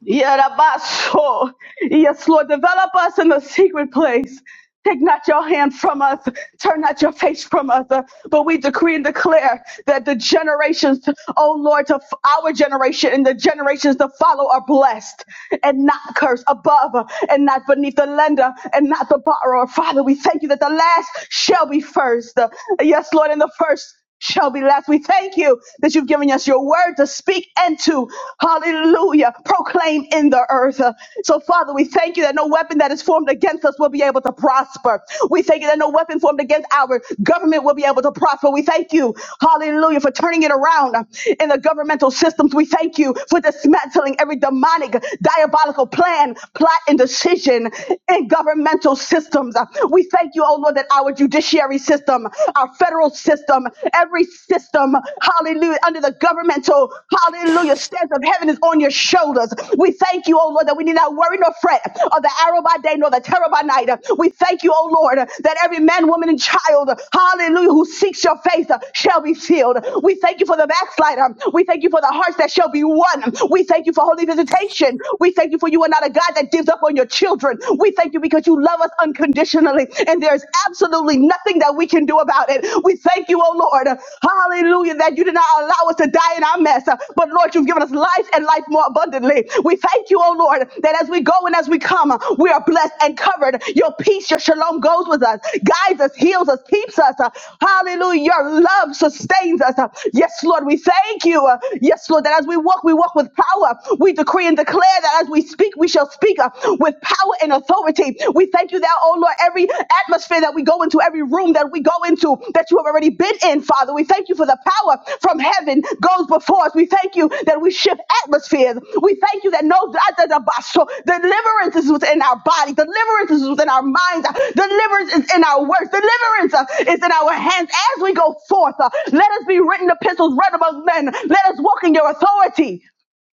[SPEAKER 2] Yerabaso. Yes, Lord, develop us in the secret place. Take not your hand from us, turn not your face from us. Uh, But we decree and declare that the generations, oh Lord, of our generation and the generations to follow are blessed and not cursed, above and not beneath the lender and not the borrower. Father, we thank you that the last shall be first. Uh, Yes, Lord, and the first shall be last. We thank you that you've given us your word to speak and to, hallelujah, proclaim in the earth. Uh, So, Father, we thank you that no weapon that is formed against us will be able to prosper. We thank you that no weapon formed against our government will be able to prosper. We thank you, hallelujah, for turning it around uh, in the governmental systems. We thank you for dismantling every demonic, diabolical plan, plot, and decision in governmental systems. Uh, We thank you, oh Lord, that our judicial judiciary system, our federal system, every system, hallelujah, under the governmental, hallelujah, stance of heaven is on your shoulders. We thank you, oh Lord, that we need not worry nor fret of the arrow by day nor the terror by night. We thank you, oh Lord, that every man, woman, and child, hallelujah, who seeks your face uh, shall be filled. We thank you for the backslider. We thank you for the hearts that shall be won. We thank you for holy visitation. We thank you for you are not a God that gives up on your children. We thank you because you that you love us unconditionally, and there's absolutely nothing that we can do about it. We thank you, oh Lord. Hallelujah, that you did not allow us to die in our mess, but Lord, you've given us life and life more abundantly. We thank you, oh Lord, that as we go and as we come, we are blessed and covered. Your peace, your shalom goes with us, guides us, heals us, keeps us. Hallelujah, your love sustains us. Yes, Lord, we thank you. Yes, Lord, that as we walk, we walk with power. We decree and declare that as we speak, speak, we shall speak uh, with power and authority. We thank you that, oh Lord, every atmosphere that we go into, every room that we go into, that you have already been in, Father. We thank you for the power from heaven goes before us. We thank you that we shift atmospheres. We thank you that no deliverance is within our body, deliverance is within our minds, Uh, deliverance is in our words, deliverance uh, is in our hands as we go forth. Uh, Let us be written epistles read among men. Let us walk in your authority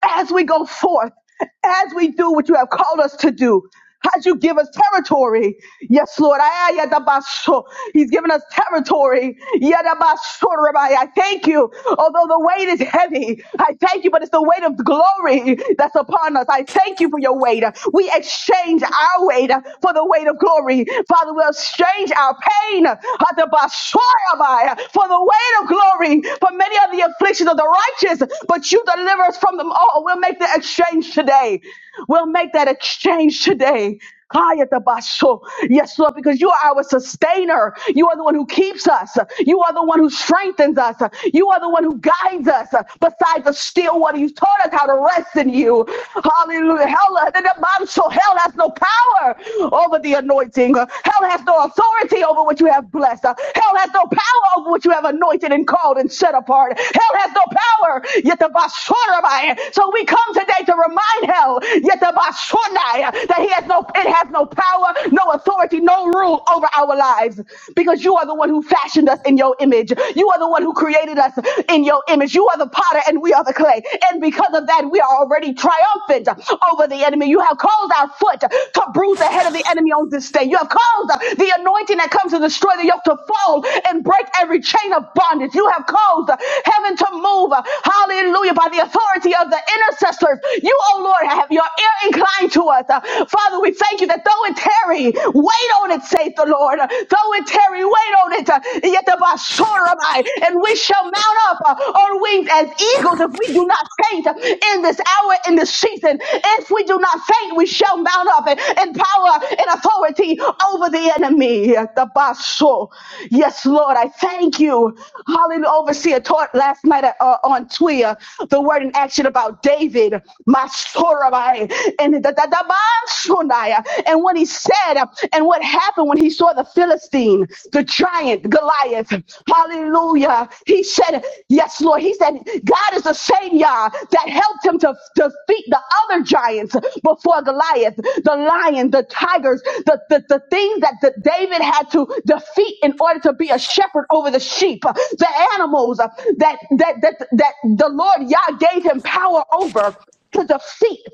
[SPEAKER 2] as we go forth, as we do what you have called us to do. how'd you give us territory. Yes, Lord. Ayayadabasho. He's given us territory. Yadabasho, Rabbi. I thank you. Although the weight is heavy, I thank you, but it's the weight of glory that's upon us. I thank you for your weight. We exchange our weight for the weight of glory. Father, we'll exchange our pain Hadabasho, Rabbi, for the the weight of glory for many of the afflictions of the righteous, but you deliver us from them all. We'll make the exchange today. We'll make that exchange today. Kayatabasho. Yes, Lord, because you are our sustainer. You are the one who keeps us. You are the one who strengthens us. You are the one who guides us. Besides the still water, you taught us how to rest in you. Hallelujah. Hell, the man- so hell has no power over the anointing anointing. Uh, Hell has no authority over what you have blessed. Uh, Hell has no power over what you have anointed and called and set apart. Hell has no power. Yet the basurabai. So we come today to remind hell, yet the basunai, that he has no, it has no power, no authority, no rule over our lives. Because you are the one who fashioned us in your image. You are the one who created us in your image. You are the potter and we are the clay. And because of that, we are already triumphant over the enemy. You have caused our foot to bruise the head of the enemy on this day. You have caused the anointing that comes to destroy the yoke to fall and break every chain of bondage. You have caused heaven to move. Hallelujah. By the authority of the intercessors, you, oh Lord, have your ear inclined to us. Father, we thank you that though it tarry, wait on it, saith the Lord. Though it tarry, wait on it. Yet the basura, and we we shall mount up uh, on wings as eagles if we do not faint uh, in this hour, in this season. If we do not faint, we shall mount up in, in power and authority over the enemy. The basso. Yes, Lord, I thank you. Hallelujah. Overseer taught last night uh, uh, on Twitter the word in action about David, my Sorabai, and the, the, the, the Manshunai, and what he said uh, and what happened happened when he saw the Philistine, the giant Goliath. Hallelujah. He said, Yes, Lord. He said, God is the same Yah that helped him to defeat the other giants before Goliath, the lion, the tigers, the, the, the things that the David had to defeat in order to be a shepherd over the sheep, the animals that that that, that the Lord Yah gave him power over to defeat.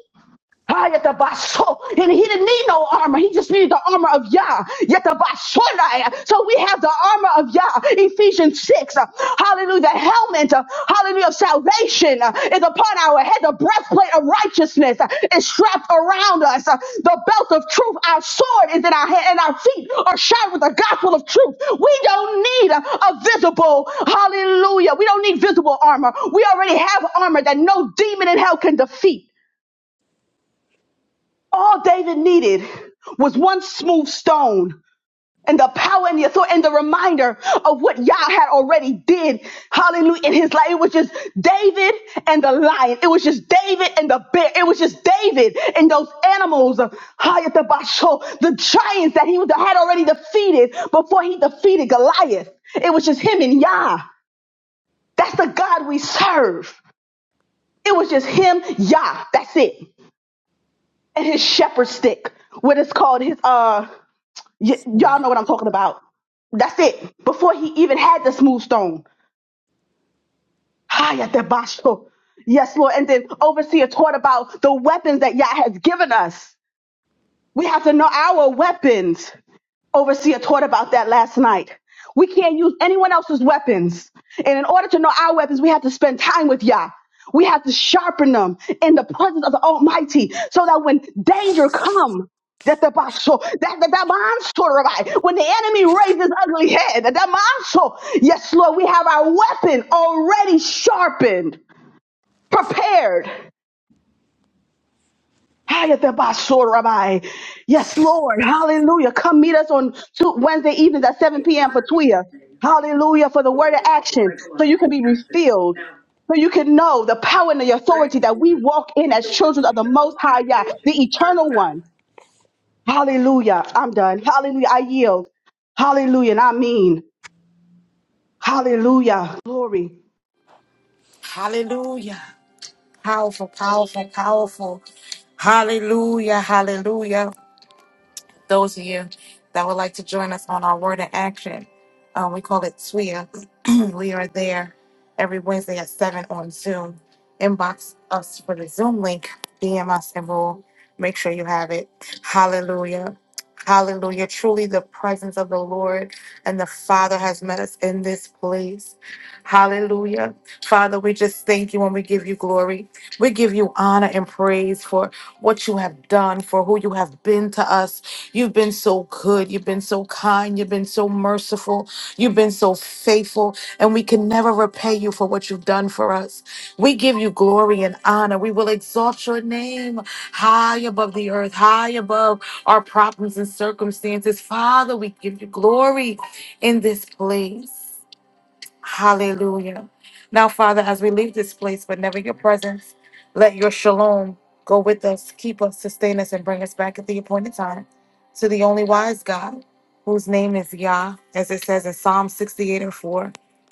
[SPEAKER 2] Ah, yatabaso. And he didn't need no armor. He just needed the armor of Yah. Yatabasonai. So we have the armor of Yah. Ephesians 6. uh, Hallelujah. The helmet. uh, Hallelujah. Of salvation uh, is upon our head. The breastplate of righteousness uh, is strapped around us. Uh, The belt of truth. Our sword is in our hand and our feet are shod with the gospel of truth. We don't need a visible. Hallelujah. We don't need visible armor. We already have armor that no demon in hell can defeat. All David needed was one smooth stone and the power and the authority and the reminder of what Yah had already did. Hallelujah. In his life, it was just David and the lion. It was just David and the bear. It was just David and those animals. uh, Hayatabasho, The giants that he had already defeated before he defeated Goliath. It was just him and Yah. That's the God we serve. It was just him, Yah. That's it. And his shepherd stick, what is called his uh Y-
[SPEAKER 5] Lord.
[SPEAKER 2] y'all know what I'm talking about. That's it. Before he even had the smooth stone. Hiya debasho. Yes, Lord. And then overseer taught about the weapons that Yah has given us. We have to know our weapons. Overseer taught about that last night. We can't use anyone else's weapons. And in order to know our weapons, we have to spend time with Yah. We have to sharpen them in the presence of the Almighty so that when danger comes, that the basho, that that that monster, right? when the enemy raises ugly head, that that monster, yes, Lord, we have our weapon already sharpened, prepared. Hayatabaso Rabbi. Yes, Lord. Hallelujah. Come meet us on two, Wednesday evenings at 7 p.m. for Tuya. Hallelujah. For the word of action. So you can be refilled. So you can know the power and the authority that we walk in as children of the Most High Yah, the Eternal One. Hallelujah. I'm done. Hallelujah. I yield. Hallelujah. And I mean, hallelujah. Glory.
[SPEAKER 1] Hallelujah. Powerful, powerful, powerful. Hallelujah, hallelujah. those of you that would like to join us on our Word in Action. Um, we call it SWIA. we are there every Wednesday at 7 on Zoom. Inbox us for the Zoom link, DM us, and we'll make sure you have it. Hallelujah. Hallelujah. Truly, the presence of the Lord and the Father has met us in this place. Hallelujah. Father, we just thank you and we give you glory. We give you honor and praise for what you have done, for who you have been to us, You've been so good. You've been so kind. You've been so merciful. You've been so faithful. And we can never repay you for what you've done for us. We give you glory and honor. We will exalt your name high above the earth, high above our problems and circumstances. Father, we give you glory in this place. Hallelujah. Now, Father, as we leave this place, but never your presence, let your shalom go with us, keep us, sustain us, and bring us back at the appointed time to the only wise God, whose name is Yah, as it says in Psalm 68 and 4.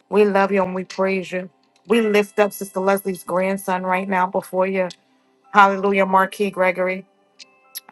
[SPEAKER 1] We love you and we praise you. We lift up Sister Leslie's grandson right now before you. Hallelujah, Marquis Gregory.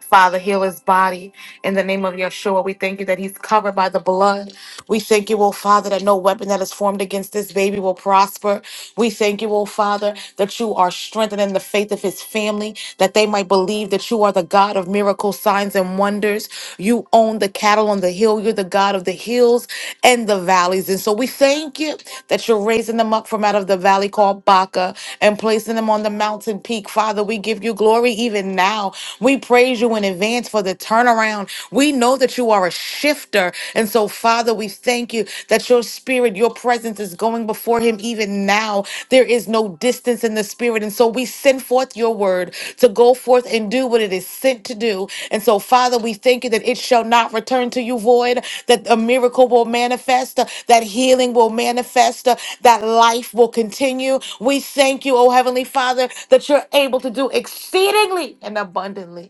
[SPEAKER 1] Father, heal his body in the name of Yeshua. We thank you that he's covered by the blood. We thank you, oh Father, that no weapon that is formed against this baby will prosper. We thank you, oh Father, that you are strengthening the faith of his family, that they might believe that you are the God of miracles, signs, and wonders. You own the cattle on the hill. You're the God of the hills and the valleys. And so we thank you that you're raising them up from out of the valley called Baca and placing them on the mountain peak. Father, we give you glory even now. We praise you in advance for the turnaround. We know that you are a shifter. And so Father, we thank you that your spirit, your presence is going before him even now. There is no distance in the spirit. And so we send forth your word to go forth and do what it is sent to do. And so, Father, we thank you that it shall not return to you void, that a miracle will manifest, uh, that healing will manifest, uh, that life will continue. We thank you, oh Heavenly Father, that you're able to do exceedingly and abundantly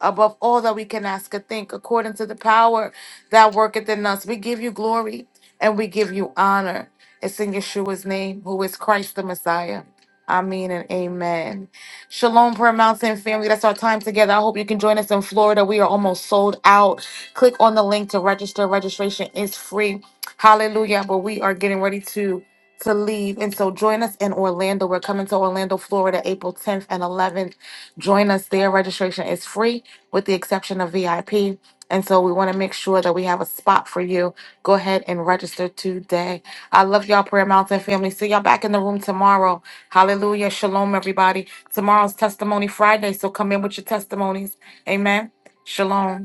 [SPEAKER 1] above all that we can ask or think, according to the power that worketh in us. We give you glory and we give you honor. It's in Yeshua's name, who is Christ the Messiah. Amen and amen. Shalom, Prayer Mountain family. That's our time together. I hope you can join us in Florida. We are almost sold out. Click on the link to register. Registration is free. Hallelujah. But we are getting ready to to leave. And so join us in Orlando. We're coming to Orlando, Florida, April 10th and 11th. Join us there. Registration is free with the exception of VIP. And so we want to make sure that we have a spot for you. Go ahead and register today. I love y'all, Prayer Mountain family. See y'all back in the room tomorrow. Hallelujah. Shalom, everybody. Tomorrow's Testimony Friday. So come in with your testimonies. Amen. Shalom.